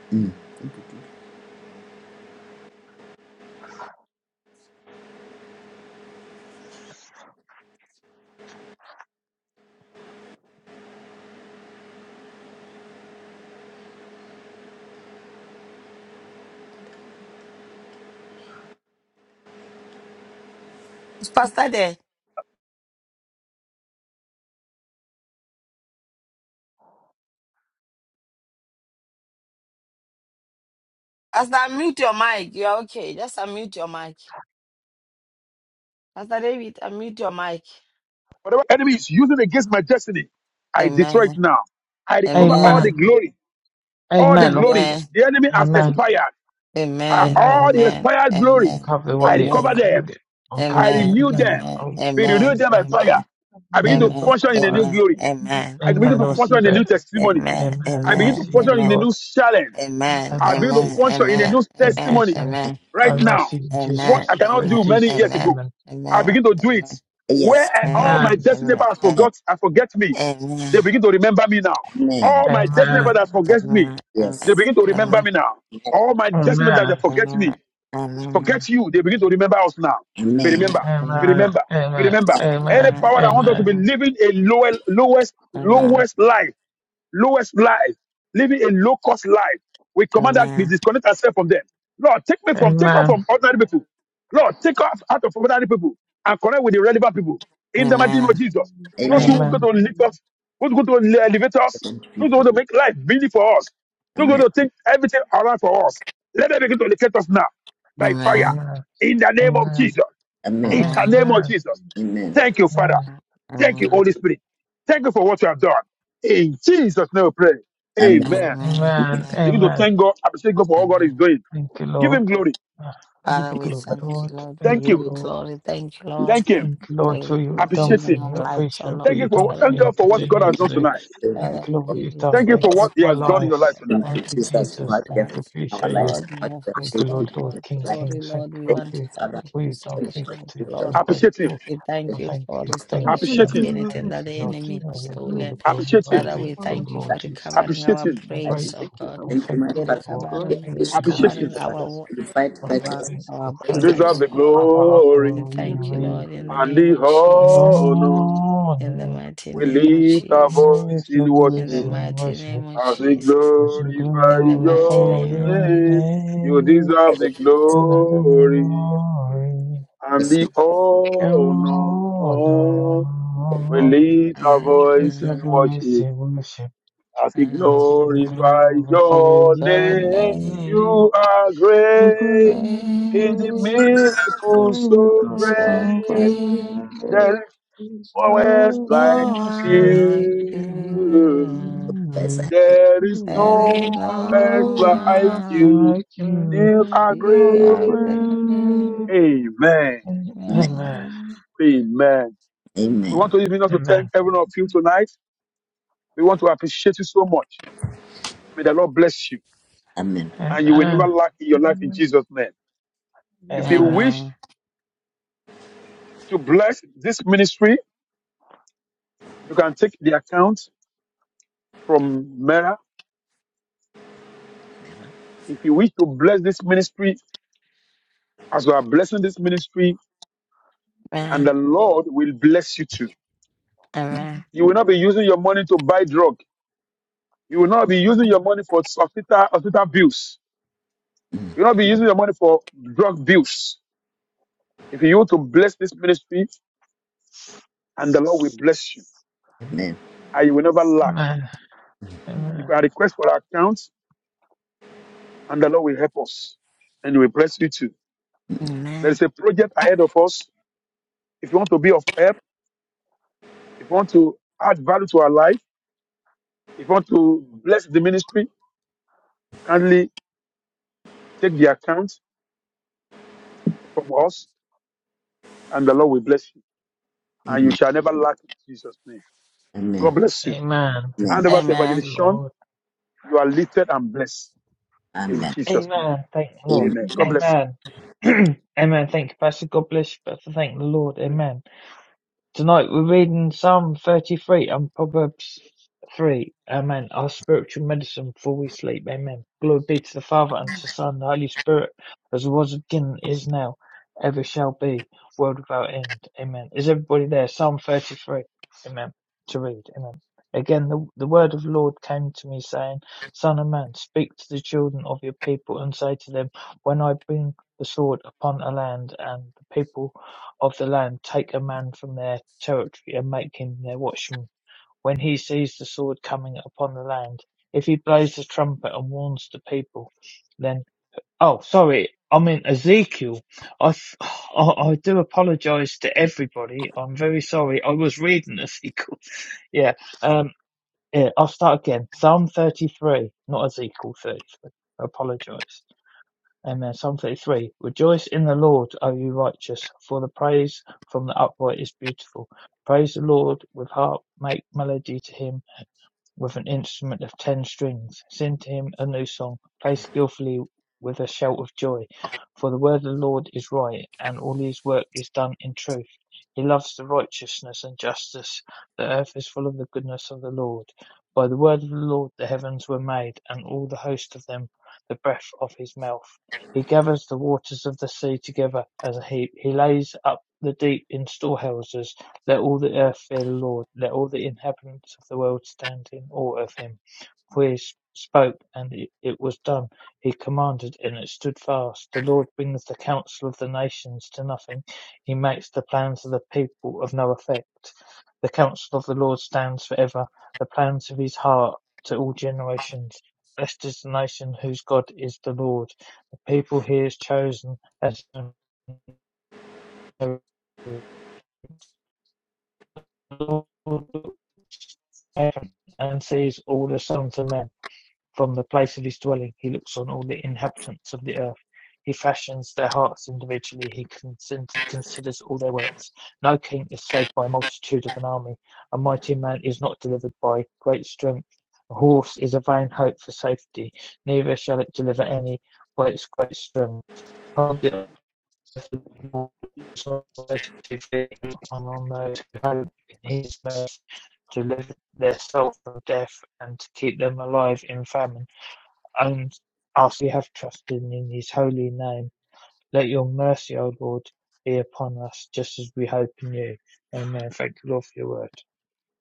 Speaker 2: I- mm.
Speaker 1: Pastor Day, Pastor, unmute your mic. You're okay. Just unmute your mic. Pastor David, unmute your mic.
Speaker 3: Whatever enemy is using against my destiny, I destroy it
Speaker 1: Amen.
Speaker 3: now. I
Speaker 4: God.
Speaker 3: recover all
Speaker 1: Amen.
Speaker 3: the
Speaker 4: Amen,
Speaker 3: glory, all the
Speaker 4: Amen.
Speaker 3: glory.
Speaker 4: Recover,
Speaker 1: Amen.
Speaker 3: The enemy has
Speaker 4: Amen,
Speaker 3: expired. Uh,
Speaker 1: Amen.
Speaker 3: All
Speaker 4: Amen.
Speaker 3: the
Speaker 1: Amen.
Speaker 3: expired glory,
Speaker 1: Amen.
Speaker 4: Recover what
Speaker 3: I
Speaker 4: the
Speaker 3: recover
Speaker 1: Amen.
Speaker 4: recover
Speaker 3: them.
Speaker 4: it,
Speaker 3: I
Speaker 4: recover them,
Speaker 1: Amen.
Speaker 3: renew
Speaker 4: Amen.
Speaker 3: them.
Speaker 1: Amen.
Speaker 4: I'll,
Speaker 3: We
Speaker 4: I'll
Speaker 3: renew
Speaker 1: Amen.
Speaker 4: renew
Speaker 3: them by
Speaker 4: them,
Speaker 1: Amen.
Speaker 3: fire. I begin to
Speaker 4: renew them by
Speaker 3: function in a new
Speaker 4: fire.
Speaker 3: glory. I begin
Speaker 4: Amen.
Speaker 3: to
Speaker 4: I
Speaker 3: function
Speaker 4: receive
Speaker 3: in a
Speaker 4: it.
Speaker 3: new testimony.
Speaker 4: Amen.
Speaker 3: I
Speaker 4: I
Speaker 3: begin to
Speaker 4: receive the
Speaker 3: function in a new
Speaker 4: Lord.
Speaker 3: challenge.
Speaker 4: I
Speaker 3: I
Speaker 4: will
Speaker 3: begin to
Speaker 4: receive this
Speaker 3: function in a
Speaker 4: prayer.
Speaker 3: new
Speaker 4: In Jesus'
Speaker 3: testimony
Speaker 4: name. I
Speaker 3: right
Speaker 2: um,
Speaker 4: will
Speaker 3: now.
Speaker 4: receive in Jesus'
Speaker 3: What I
Speaker 4: receive
Speaker 3: cannot
Speaker 4: prayer. In
Speaker 3: do many
Speaker 4: Jesus' name.
Speaker 3: years ago,
Speaker 4: Amen.
Speaker 3: I begin to do it.
Speaker 2: Yes.
Speaker 3: Where I- all
Speaker 4: Amen.
Speaker 3: my destiny paths forgot, I forget me. They begin to remember me now.
Speaker 2: Amen.
Speaker 3: All my destiny paths
Speaker 4: Amen.
Speaker 3: that forget me, they
Speaker 2: Yes.
Speaker 3: begin to remember me now. All my destiny that they
Speaker 4: Amen.
Speaker 3: forget me, Forget you. They begin to remember us now. But
Speaker 2: Amen.
Speaker 3: remember, but
Speaker 4: Amen.
Speaker 3: remember, but
Speaker 4: Amen.
Speaker 3: remember. Any
Speaker 4: Amen.
Speaker 3: power that wants us to
Speaker 4: Amen.
Speaker 3: be living a lower, lowest, lowest life, lowest life, living a low cost life, we command that we disconnect ourselves from them. Lord, take me from, take off
Speaker 4: Amen.
Speaker 3: from ordinary people. Lord, take off out of ordinary people and connect with the relevant people. In the mighty name of Jesus, those
Speaker 2: Amen.
Speaker 3: who go
Speaker 4: Amen.
Speaker 3: to lift us, who go to elevate us,
Speaker 2: Amen.
Speaker 3: who go
Speaker 2: People.
Speaker 3: to make life busy for us, who go
Speaker 2: Amen.
Speaker 3: to think everything around for us. Let them begin to locate us now by fire
Speaker 4: Amen.
Speaker 3: in the name of
Speaker 4: Amen.
Speaker 3: Jesus. In
Speaker 2: Amen.
Speaker 3: the name of
Speaker 4: Amen.
Speaker 3: Jesus.
Speaker 2: Amen.
Speaker 3: Thank you, Father.
Speaker 4: Amen.
Speaker 3: Thank you, Holy Spirit. Thank you for what you have done. In Jesus' name, we pray.
Speaker 2: Amen.
Speaker 3: Amen.
Speaker 4: Amen.
Speaker 3: Begin to
Speaker 4: Amen.
Speaker 3: thank God. Appreciate God for all God is doing.
Speaker 4: Thank you,
Speaker 3: Give
Speaker 4: Lord.
Speaker 3: Him glory.
Speaker 4: Ah, Give
Speaker 1: Father,
Speaker 4: you
Speaker 1: we
Speaker 4: glory,
Speaker 1: thank
Speaker 4: Lord.
Speaker 1: you, Lord. We
Speaker 4: Thank
Speaker 3: Thank
Speaker 4: you,
Speaker 1: give
Speaker 3: you.
Speaker 1: you
Speaker 4: Lord.
Speaker 1: glory. Thank you, Lord,
Speaker 3: Thank Him.
Speaker 4: Thank you,
Speaker 1: for
Speaker 4: Lord, for
Speaker 1: everything
Speaker 4: what you've
Speaker 1: you're
Speaker 4: done
Speaker 1: doing
Speaker 3: Appreciate
Speaker 1: in
Speaker 4: for
Speaker 3: Him.
Speaker 4: me.
Speaker 1: our
Speaker 4: I
Speaker 1: lives, oh
Speaker 4: appreciate
Speaker 1: Lord.
Speaker 4: what
Speaker 3: Thank you
Speaker 4: you've done
Speaker 3: for
Speaker 1: Father,
Speaker 4: for
Speaker 3: thank
Speaker 4: me.
Speaker 1: we
Speaker 4: You
Speaker 3: God for what
Speaker 1: thank
Speaker 3: God
Speaker 4: Continue
Speaker 3: has
Speaker 1: you.
Speaker 4: to
Speaker 3: done
Speaker 4: do.
Speaker 3: tonight.
Speaker 2: Thank you,
Speaker 1: Father,
Speaker 4: Thank you,
Speaker 1: we
Speaker 4: Lord, what
Speaker 1: give
Speaker 4: you've
Speaker 1: you
Speaker 4: done.
Speaker 3: Thank you for
Speaker 4: Thank you,
Speaker 3: what
Speaker 1: praise.
Speaker 4: Lord,
Speaker 3: He
Speaker 1: We
Speaker 4: for my
Speaker 3: has done
Speaker 1: thank
Speaker 3: in
Speaker 4: life.
Speaker 3: your
Speaker 1: you,
Speaker 3: life
Speaker 1: oh
Speaker 3: tonight.
Speaker 2: thank you,
Speaker 4: Thank
Speaker 1: Lord,
Speaker 4: you,
Speaker 1: for what
Speaker 2: Jesus
Speaker 1: you've
Speaker 4: Jesus.
Speaker 2: Christ, you have
Speaker 1: done.
Speaker 4: Thank
Speaker 2: taken
Speaker 4: you.
Speaker 2: our
Speaker 4: Appreciate
Speaker 2: lives
Speaker 4: you.
Speaker 1: Lord,
Speaker 2: and
Speaker 1: you
Speaker 2: what you
Speaker 1: have
Speaker 2: have
Speaker 4: Thank you,
Speaker 2: taken
Speaker 4: Lord,
Speaker 1: restored
Speaker 4: Lord,
Speaker 2: in
Speaker 1: our
Speaker 2: our
Speaker 4: King,
Speaker 2: lives.
Speaker 4: King.
Speaker 1: glory,
Speaker 4: Thank
Speaker 1: Lord. We
Speaker 4: you, Lord,
Speaker 2: Thank
Speaker 1: want
Speaker 4: for
Speaker 1: to
Speaker 4: you-
Speaker 2: you,
Speaker 1: thank
Speaker 2: Father.
Speaker 1: you
Speaker 4: what
Speaker 1: for
Speaker 4: you've done
Speaker 2: Thank
Speaker 4: for
Speaker 2: you
Speaker 4: me.
Speaker 2: for
Speaker 1: restoration
Speaker 2: taking
Speaker 1: of
Speaker 4: Continue to. I'm
Speaker 1: glory.
Speaker 3: Appreciate Him.
Speaker 4: grateful.
Speaker 1: We
Speaker 4: I
Speaker 1: thank you
Speaker 4: thank
Speaker 1: for
Speaker 4: you. Thank you.
Speaker 1: restoration
Speaker 3: Appreciate
Speaker 1: of
Speaker 4: Thank
Speaker 3: Him.
Speaker 4: you.
Speaker 1: anything
Speaker 4: Thank
Speaker 1: that the
Speaker 4: you, Lord.
Speaker 1: enemy has
Speaker 4: Thank you, Lord,
Speaker 1: stolen.
Speaker 4: for all the
Speaker 3: Appreciate
Speaker 4: glory.
Speaker 3: Him.
Speaker 4: I'm
Speaker 1: Father, we
Speaker 4: thankful,
Speaker 5: Abba.
Speaker 1: thank you
Speaker 4: Lord
Speaker 1: for
Speaker 4: Jesus.
Speaker 1: recovering
Speaker 3: Appreciate
Speaker 1: our
Speaker 3: Him.
Speaker 4: I'm
Speaker 2: our lives.
Speaker 1: brains, oh
Speaker 4: grateful.
Speaker 1: God.
Speaker 4: I'm
Speaker 2: Thank you, my
Speaker 1: We're
Speaker 4: thankful,
Speaker 2: Father.
Speaker 5: Loving
Speaker 4: Lord.
Speaker 5: God,
Speaker 4: I
Speaker 2: We
Speaker 1: recovering,
Speaker 4: thank
Speaker 2: appreciate
Speaker 4: you,
Speaker 2: you,
Speaker 4: Lord
Speaker 2: my
Speaker 3: Appreciate
Speaker 1: recovering
Speaker 3: Him.
Speaker 4: Jesus.
Speaker 2: Father.
Speaker 4: Yes.
Speaker 1: our
Speaker 5: thank
Speaker 2: You
Speaker 5: you for
Speaker 2: fight
Speaker 5: the
Speaker 4: I'm so
Speaker 1: our
Speaker 2: battles.
Speaker 5: forgiveness.
Speaker 4: thankful.
Speaker 1: our
Speaker 5: Thank
Speaker 3: You
Speaker 4: Thank
Speaker 5: you, Lord,
Speaker 3: deserve
Speaker 1: lives,
Speaker 4: you,
Speaker 3: the
Speaker 1: oh
Speaker 4: Lord,
Speaker 1: Lord.
Speaker 4: my heart.
Speaker 3: glory
Speaker 1: And
Speaker 5: for
Speaker 4: Lord, you
Speaker 1: thank
Speaker 5: hearing
Speaker 1: you,
Speaker 5: my
Speaker 4: read.
Speaker 1: Lord,
Speaker 5: prayer.
Speaker 1: in the
Speaker 3: and
Speaker 1: name
Speaker 3: the
Speaker 1: of Jesus.
Speaker 3: honor.
Speaker 5: Thank you
Speaker 1: In the
Speaker 5: for
Speaker 4: On
Speaker 1: mighty
Speaker 3: We
Speaker 1: name of
Speaker 3: lift our
Speaker 5: focusing.
Speaker 1: Jesus.
Speaker 3: voice
Speaker 4: earth, the
Speaker 3: in
Speaker 5: Thank you
Speaker 1: In the
Speaker 4: voice
Speaker 3: worship
Speaker 4: in
Speaker 1: mighty
Speaker 4: worship
Speaker 1: name of
Speaker 3: as we
Speaker 5: for
Speaker 1: Jesus.
Speaker 4: as we
Speaker 5: your mind.
Speaker 3: glorify
Speaker 1: In
Speaker 5: For
Speaker 1: the mighty
Speaker 4: glorify
Speaker 3: your
Speaker 1: name of
Speaker 4: your
Speaker 1: Jesus.
Speaker 3: name. You
Speaker 5: thank you,
Speaker 4: name
Speaker 3: deserve
Speaker 5: Allah.
Speaker 3: the
Speaker 5: Thank you
Speaker 4: and the
Speaker 5: for
Speaker 3: glory
Speaker 4: glory.
Speaker 5: thank
Speaker 3: and
Speaker 5: you for
Speaker 3: the
Speaker 2: Amen.
Speaker 5: exposing my
Speaker 4: On
Speaker 5: ear.
Speaker 3: honor. We
Speaker 4: earth,
Speaker 3: lift our
Speaker 1: I
Speaker 3: voice
Speaker 4: the
Speaker 3: in
Speaker 1: am-
Speaker 4: voice
Speaker 3: worship
Speaker 4: worship
Speaker 3: as
Speaker 1: I
Speaker 3: we
Speaker 1: am
Speaker 4: as we
Speaker 1: single.
Speaker 3: glorify
Speaker 4: glorify your
Speaker 3: your
Speaker 1: Your
Speaker 3: name.
Speaker 1: name
Speaker 4: name.
Speaker 3: You are
Speaker 4: The
Speaker 3: great
Speaker 5: Lord,
Speaker 3: in the
Speaker 1: is
Speaker 4: great
Speaker 3: miracles so
Speaker 4: miracles
Speaker 1: so
Speaker 5: my
Speaker 4: so
Speaker 3: great.
Speaker 5: ear
Speaker 1: great.
Speaker 3: There
Speaker 4: great,
Speaker 3: is
Speaker 5: is
Speaker 3: no one
Speaker 5: no
Speaker 3: else
Speaker 5: more.
Speaker 4: no
Speaker 3: like
Speaker 1: No
Speaker 4: one else
Speaker 1: one
Speaker 4: like
Speaker 1: like
Speaker 3: you.
Speaker 1: you.
Speaker 4: you.
Speaker 3: There is
Speaker 1: There is
Speaker 3: no
Speaker 1: no
Speaker 4: There's no
Speaker 3: one else like
Speaker 4: one
Speaker 1: one like
Speaker 3: you.
Speaker 4: like
Speaker 5: I
Speaker 4: you.
Speaker 3: You are
Speaker 5: find
Speaker 1: you.
Speaker 3: great.
Speaker 4: You're
Speaker 1: Are great.
Speaker 5: you,
Speaker 1: Amen.
Speaker 4: great.
Speaker 3: Amen.
Speaker 4: Amen.
Speaker 3: Amen. We
Speaker 2: Amen.
Speaker 3: want to even us to thank
Speaker 4: Amen.
Speaker 3: every one of you tonight. We want to appreciate you so much. May the Lord bless you
Speaker 2: Amen.
Speaker 3: and you will never
Speaker 4: Amen.
Speaker 3: lack in your life in Jesus' name. If you
Speaker 4: Amen.
Speaker 3: wish
Speaker 1: Amen.
Speaker 3: to bless this ministry, you can take the account from Mera. If you wish to bless this ministry as you are blessing this ministry, and the
Speaker 1: Amen.
Speaker 3: Lord will bless you too.
Speaker 1: Amen.
Speaker 3: You will not be using your money to buy drug. You will not be using your
Speaker 5: Lord.
Speaker 3: money for hospital, hospital bills. You will not be using your money for drug bills. If you want to bless this ministry, and the Lord will bless you,
Speaker 2: Amen.
Speaker 3: and you will never lack.
Speaker 4: Amen.
Speaker 3: You
Speaker 4: Amen.
Speaker 3: can request for our accounts, and the Lord will help us, and He will bless you too.
Speaker 1: Amen.
Speaker 3: There is a project ahead of us. If you want to be of help, if you want to add value to our life, if you want to bless the ministry, kindly take the account from us, and the Lord will bless you, and you
Speaker 2: Amen.
Speaker 3: shall never lack in Jesus' name. God
Speaker 2: Amen.
Speaker 3: bless you.
Speaker 4: Amen.
Speaker 2: Amen.
Speaker 3: Hand over to
Speaker 1: Amen.
Speaker 3: Evangelist Sean.
Speaker 4: Lord.
Speaker 3: You are lifted and blessed in
Speaker 2: Amen.
Speaker 3: Jesus' name.
Speaker 4: Amen. Thank the Lord.
Speaker 2: Amen.
Speaker 3: Amen. God bless you.
Speaker 4: Amen. Amen. Thank you, Pastor. God bless you, Pastor. Thank the Lord.
Speaker 3: Amen.
Speaker 4: Amen. Tonight we're reading Psalm 33 and Proverbs 3. Amen. Our spiritual medicine before we sleep. Amen. Glory be to the Father and to the Son and the Holy Spirit, as it was at the beginning, is now, ever shall be, world without end. Amen. Is everybody there? Psalm 33. Amen. To read. Amen. Again, the, the word of the Lord came to me saying, Son of man, speak to the children of your people and say to them, When I bring the sword upon a land and the people of the land take a man from their territory, and make him their watchman. When he sees the sword coming upon the land, if he blows the trumpet and warns the people, then oh, sorry, I'm in Ezekiel. I I, I do apologize to everybody. I'm very sorry. I was reading Ezekiel. Yeah. Um. Yeah. I'll start again. Psalm 33, not Ezekiel 33. I apologize. Amen. Psalm 33. Rejoice in the Lord, O you righteous, for the praise from the upright is beautiful. Praise the Lord with harp, make melody to him with an instrument of ten strings, sing to him a new song, play skillfully with a shout of joy. For the word of the Lord is right, and all his work is done in truth. He loves the righteousness and justice. The earth is full of the goodness of the Lord. By the word of the Lord the heavens were made, and all the host of them, the breath of his mouth. He gathers the waters of the sea together as a heap. He lays up the deep in storehouses. Let all the earth fear the Lord, let all the inhabitants of the world stand in awe of him. For he spoke, and it, it was done. He commanded, and it stood fast. The Lord brings the counsel of the nations to nothing. He makes the plans of the people of no effect. The counsel of the Lord stands forever, the plans of his heart to all generations. Blessed is the nation whose God is the Lord, the people he has chosen as an heaven and sees all the sons of men from the place of his dwelling. He looks on all the inhabitants of the earth. He fashions their hearts individually. He considers all their works. No king is saved by a multitude of an army. A mighty man is not delivered by great strength. A horse is a vain hope for safety. Neither shall it deliver any by its great strength. Can't the on those who hope in his mercy to live their soul from death and to keep them alive in famine. And as we have trusted in his holy name, let your mercy, O Lord, be upon us just as we hope in you. Amen. Thank you, Lord, for your word.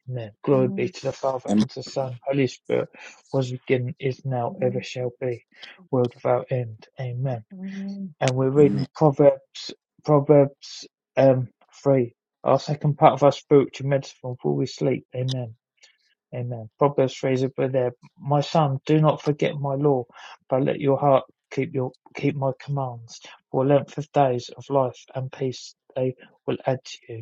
Speaker 4: Amen. Glory be to the Father
Speaker 2: Amen.
Speaker 4: and to the Son, Holy Spirit, was beginning, is now, ever shall be, world without end. Amen and we're reading Proverbs, Proverbs um, 3. Our second part of our spiritual medicine before we sleep. Amen. Amen. Proverbs 3 is over there. My son, do not forget my law, but let your heart keep your keep my commands. For length of days of life and peace they will add to you.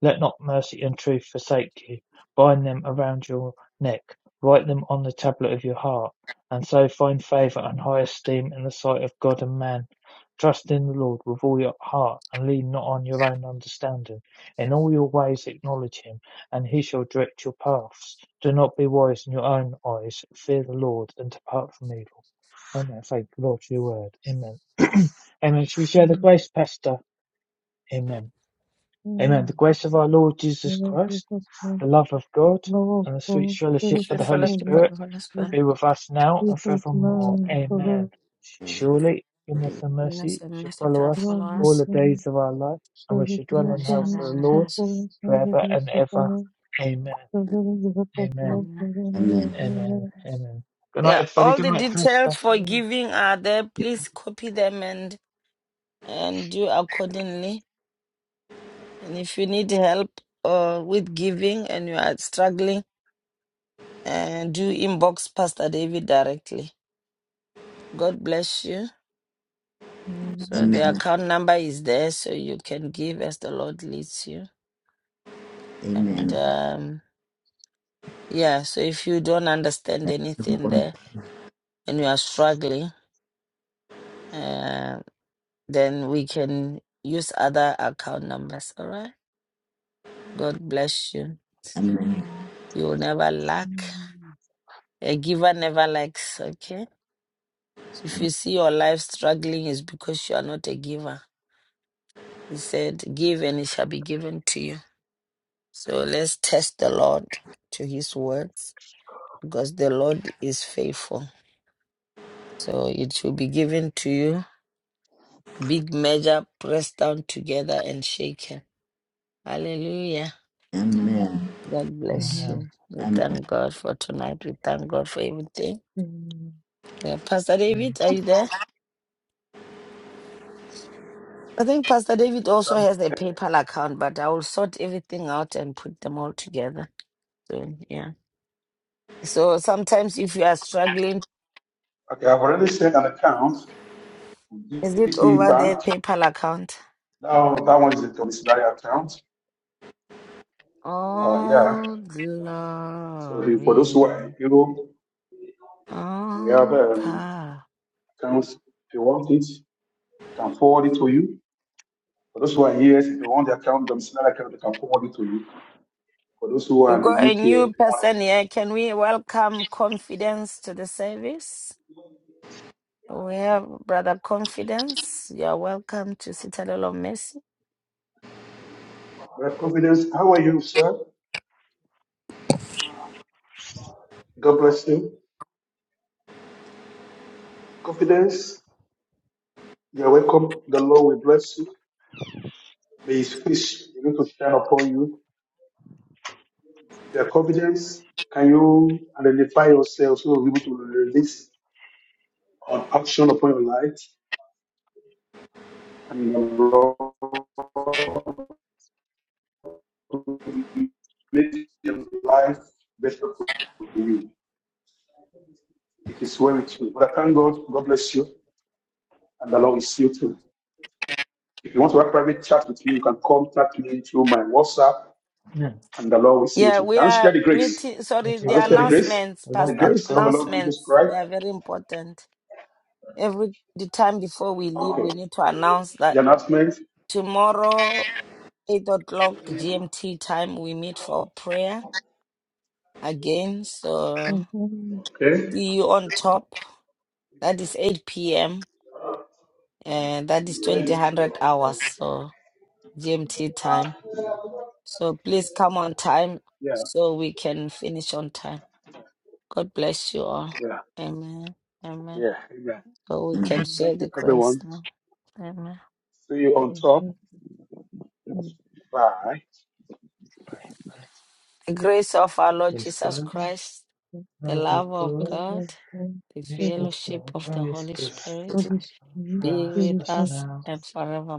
Speaker 4: Let not mercy and truth forsake you. Bind them around your neck, write them on the tablet of your heart, and so find favor and high esteem in the sight of God and man. Trust in the Lord with all your heart, and lean not on your own understanding. In all your ways acknowledge him, and he shall direct your paths. Do not be wise in your own eyes. Fear the Lord, and depart from evil. Amen. Thank the Lord, for your word. Amen. Amen. Shall we share the grace, Pastor? Amen. Amen. The grace of our Lord Jesus Christ, the love of God,
Speaker 5: Lord,
Speaker 4: and the sweet
Speaker 5: Lord,
Speaker 1: We
Speaker 4: fellowship
Speaker 5: Spirit
Speaker 4: of
Speaker 1: should
Speaker 4: the
Speaker 5: of
Speaker 4: Holy
Speaker 1: follow the
Speaker 5: God,
Speaker 1: God,
Speaker 4: Spirit
Speaker 1: the Holy
Speaker 5: Lord,
Speaker 1: Spirit,
Speaker 4: be with us now
Speaker 5: we
Speaker 4: and
Speaker 5: thought
Speaker 1: and
Speaker 4: forevermore.
Speaker 5: man, for
Speaker 1: forevermore.
Speaker 4: Amen.
Speaker 5: the
Speaker 4: Surely, goodness and
Speaker 1: Goodness
Speaker 4: mercy
Speaker 1: and
Speaker 4: shall
Speaker 1: mercy shall
Speaker 4: follow us
Speaker 1: follow
Speaker 5: Lord,
Speaker 4: all the
Speaker 1: us,
Speaker 4: days of our life, and
Speaker 5: so
Speaker 4: we
Speaker 5: the
Speaker 4: shall dwell
Speaker 1: and we
Speaker 4: in the
Speaker 1: shall have
Speaker 5: commission
Speaker 4: house of
Speaker 5: is
Speaker 4: the
Speaker 1: our
Speaker 5: sent
Speaker 4: Lord
Speaker 1: house.
Speaker 5: for us, all
Speaker 4: forever
Speaker 5: the days
Speaker 4: and
Speaker 5: to
Speaker 4: ever.
Speaker 5: come,
Speaker 4: Amen.
Speaker 5: so that we can give up our
Speaker 4: Amen.
Speaker 5: thoughts, for the
Speaker 1: Amen.
Speaker 5: we
Speaker 2: Amen.
Speaker 5: are here, and we
Speaker 4: Amen.
Speaker 5: are
Speaker 4: Amen. Good night,
Speaker 1: Yeah,
Speaker 4: everybody.
Speaker 1: all
Speaker 4: Good
Speaker 1: the
Speaker 4: night,
Speaker 1: details
Speaker 4: Krista.
Speaker 1: for
Speaker 5: here,
Speaker 1: giving are there. Please copy them and and do accordingly. And if you need help uh, with giving and you are struggling, uh, do inbox Pastor David directly. God bless you.
Speaker 5: and we
Speaker 1: So the
Speaker 2: Amen.
Speaker 1: account number is there, so you can give as the Lord leads you.
Speaker 2: Amen.
Speaker 1: And
Speaker 2: Amen.
Speaker 1: um, Yeah, so if you don't understand
Speaker 2: Thank you,
Speaker 1: anything
Speaker 2: Lord.
Speaker 1: there and you are struggling, uh, then we can use other account numbers. All right. God bless you. So
Speaker 2: Amen.
Speaker 1: You will never lack. A giver never lacks. Okay. If you see your life struggling, it's because you are not a giver. He said, Give and it shall be given to you. So let's test the Lord to his words because the Lord is faithful. So it will be given to you Big measure pressed down together and shaken. Hallelujah.
Speaker 2: Amen.
Speaker 1: God
Speaker 5: are here,
Speaker 1: bless
Speaker 4: Amen.
Speaker 5: and
Speaker 1: you. We
Speaker 2: Amen.
Speaker 1: thank God for tonight. We thank God for everything.
Speaker 5: we are here, and
Speaker 1: Yeah, Pastor
Speaker 4: Amen.
Speaker 1: David, are you there? I think Pastor David also has a PayPal account, but I will sort everything out and put them all together soon. Yeah. So sometimes if you are struggling,
Speaker 3: Okay, I've already shared an account,
Speaker 1: is it
Speaker 3: PC
Speaker 1: over the
Speaker 3: Bank.
Speaker 1: PayPal account?
Speaker 3: Now that one is a domiciliary account. Uh, yeah.
Speaker 1: All
Speaker 3: So if- for those who are in
Speaker 1: glory,
Speaker 3: Europe, we have
Speaker 1: all
Speaker 3: um,
Speaker 1: power.
Speaker 3: accounts. If you want it, we can forward it to you. For those who are here, if you want the account, domiciliary account, we can forward it to you. For those who
Speaker 1: We've
Speaker 3: are in
Speaker 1: got
Speaker 3: the
Speaker 1: a
Speaker 3: UK,
Speaker 1: new
Speaker 3: if you want
Speaker 1: person
Speaker 3: the
Speaker 1: here.
Speaker 3: account.
Speaker 1: Can we welcome Confidence to the service? We have Brother Confidence. You're welcome to Citadel of Mercy.
Speaker 3: Well, confidence, how are you, sir? God bless you. Confidence, you're welcome. The Lord will bless you. May His face begin to shine upon you. If you are confident, can you identify yourself so you'll be able to release an action upon your life and the Lord will make your life better for you. It is well with you. But I thank God. God bless you, and the Lord is you too. If you want to have private chat with me, you can contact me through my WhatsApp,
Speaker 4: Amen.
Speaker 3: and the Lord will see you
Speaker 1: Yeah,
Speaker 3: too.
Speaker 1: we
Speaker 3: Can I share
Speaker 1: are
Speaker 3: the grace?
Speaker 1: meeting. Sorry,
Speaker 4: Which
Speaker 1: the
Speaker 3: Have
Speaker 4: is
Speaker 3: you shared the
Speaker 4: Christ,
Speaker 3: grace?
Speaker 1: announcements,
Speaker 4: the
Speaker 3: The
Speaker 4: love of
Speaker 1: Pastor,
Speaker 3: grace of the
Speaker 4: God,
Speaker 3: Lord Jesus
Speaker 1: announcements, they
Speaker 3: Christ.
Speaker 1: are very important. Every the time before we leave, we
Speaker 3: Okay.
Speaker 1: need to announce that
Speaker 3: announcements.
Speaker 1: tomorrow, 8 o'clock GMT time, we meet for prayer again.
Speaker 5: we
Speaker 1: So
Speaker 5: are here, and
Speaker 3: Okay.
Speaker 1: see you on top. That is 8 p.m. and that is 2000 hours so gmt time so please come on time
Speaker 3: Yeah.
Speaker 1: so we can finish on time god bless you all
Speaker 3: Yeah.
Speaker 1: amen amen
Speaker 3: Yeah. Amen.
Speaker 1: so we can
Speaker 5: we
Speaker 1: share
Speaker 3: Thank
Speaker 1: the
Speaker 3: you,
Speaker 1: grace
Speaker 3: everyone.
Speaker 1: now amen
Speaker 3: See you on
Speaker 5: are
Speaker 3: top.
Speaker 5: here,
Speaker 3: Bye.
Speaker 4: by by
Speaker 1: the grace of our lord
Speaker 4: this
Speaker 1: jesus
Speaker 4: Christ,
Speaker 1: christ
Speaker 4: the
Speaker 1: the
Speaker 4: love of
Speaker 1: love of
Speaker 4: God.
Speaker 1: god the
Speaker 5: so
Speaker 4: This
Speaker 5: that we
Speaker 4: is
Speaker 1: fellowship
Speaker 4: the
Speaker 5: can
Speaker 1: of the
Speaker 4: Holy
Speaker 1: holy
Speaker 4: Spirit,
Speaker 1: spirit
Speaker 5: publish
Speaker 1: be
Speaker 4: bless
Speaker 1: with
Speaker 4: us
Speaker 1: us
Speaker 4: now,
Speaker 1: and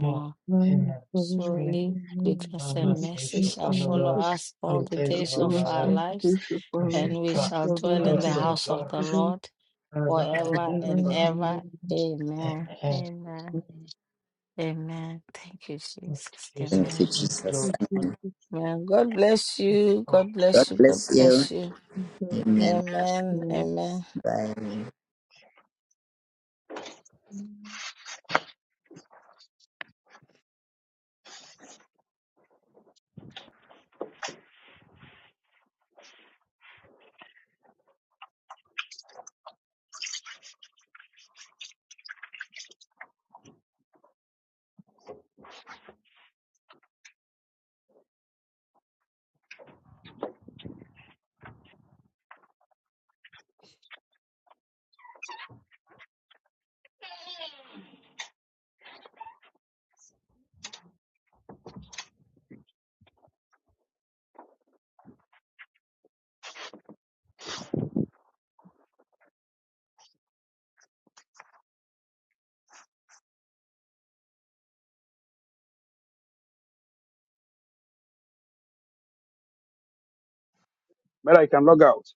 Speaker 4: more in the
Speaker 5: for
Speaker 4: truth
Speaker 1: Surely goodness
Speaker 4: and
Speaker 1: and
Speaker 4: mercy
Speaker 1: mercy
Speaker 5: the
Speaker 4: shall
Speaker 1: shall
Speaker 5: Lord,
Speaker 4: follow
Speaker 1: follow
Speaker 4: us
Speaker 1: us
Speaker 4: all
Speaker 1: all
Speaker 4: the
Speaker 1: the
Speaker 4: days of
Speaker 1: days
Speaker 4: our
Speaker 1: of
Speaker 5: Therefore, us
Speaker 1: our
Speaker 4: life.
Speaker 5: all the
Speaker 1: lives,
Speaker 5: gifts of
Speaker 4: We
Speaker 5: Father,
Speaker 4: should
Speaker 1: and we
Speaker 4: dwell
Speaker 5: and
Speaker 1: shall
Speaker 5: shall
Speaker 4: in
Speaker 5: live
Speaker 1: dwell
Speaker 4: the
Speaker 5: in
Speaker 1: in the
Speaker 5: the
Speaker 4: house of
Speaker 5: hope
Speaker 4: the
Speaker 1: house
Speaker 5: of
Speaker 1: of
Speaker 4: Lord
Speaker 1: the
Speaker 5: the
Speaker 1: Lord
Speaker 4: forever and
Speaker 1: forever
Speaker 5: forever
Speaker 1: and
Speaker 4: ever.
Speaker 5: and ever.
Speaker 1: ever. Amen.
Speaker 4: Amen.
Speaker 1: Amen.
Speaker 5: Amen.
Speaker 1: Amen. Thank you,
Speaker 4: Thank you,
Speaker 1: Jesus.
Speaker 2: Thank you,
Speaker 4: Jesus.
Speaker 1: Amen.
Speaker 4: Thank you,
Speaker 2: Jesus.
Speaker 4: Lord. Thank
Speaker 1: Amen. God bless
Speaker 4: you,
Speaker 1: you. God
Speaker 4: Lord.
Speaker 2: God
Speaker 1: bless you.
Speaker 2: bless
Speaker 1: God
Speaker 4: Thank
Speaker 2: you.
Speaker 1: bless you.
Speaker 2: Amen.
Speaker 1: Amen. Amen.
Speaker 2: Bye.
Speaker 3: Mera, you can log out.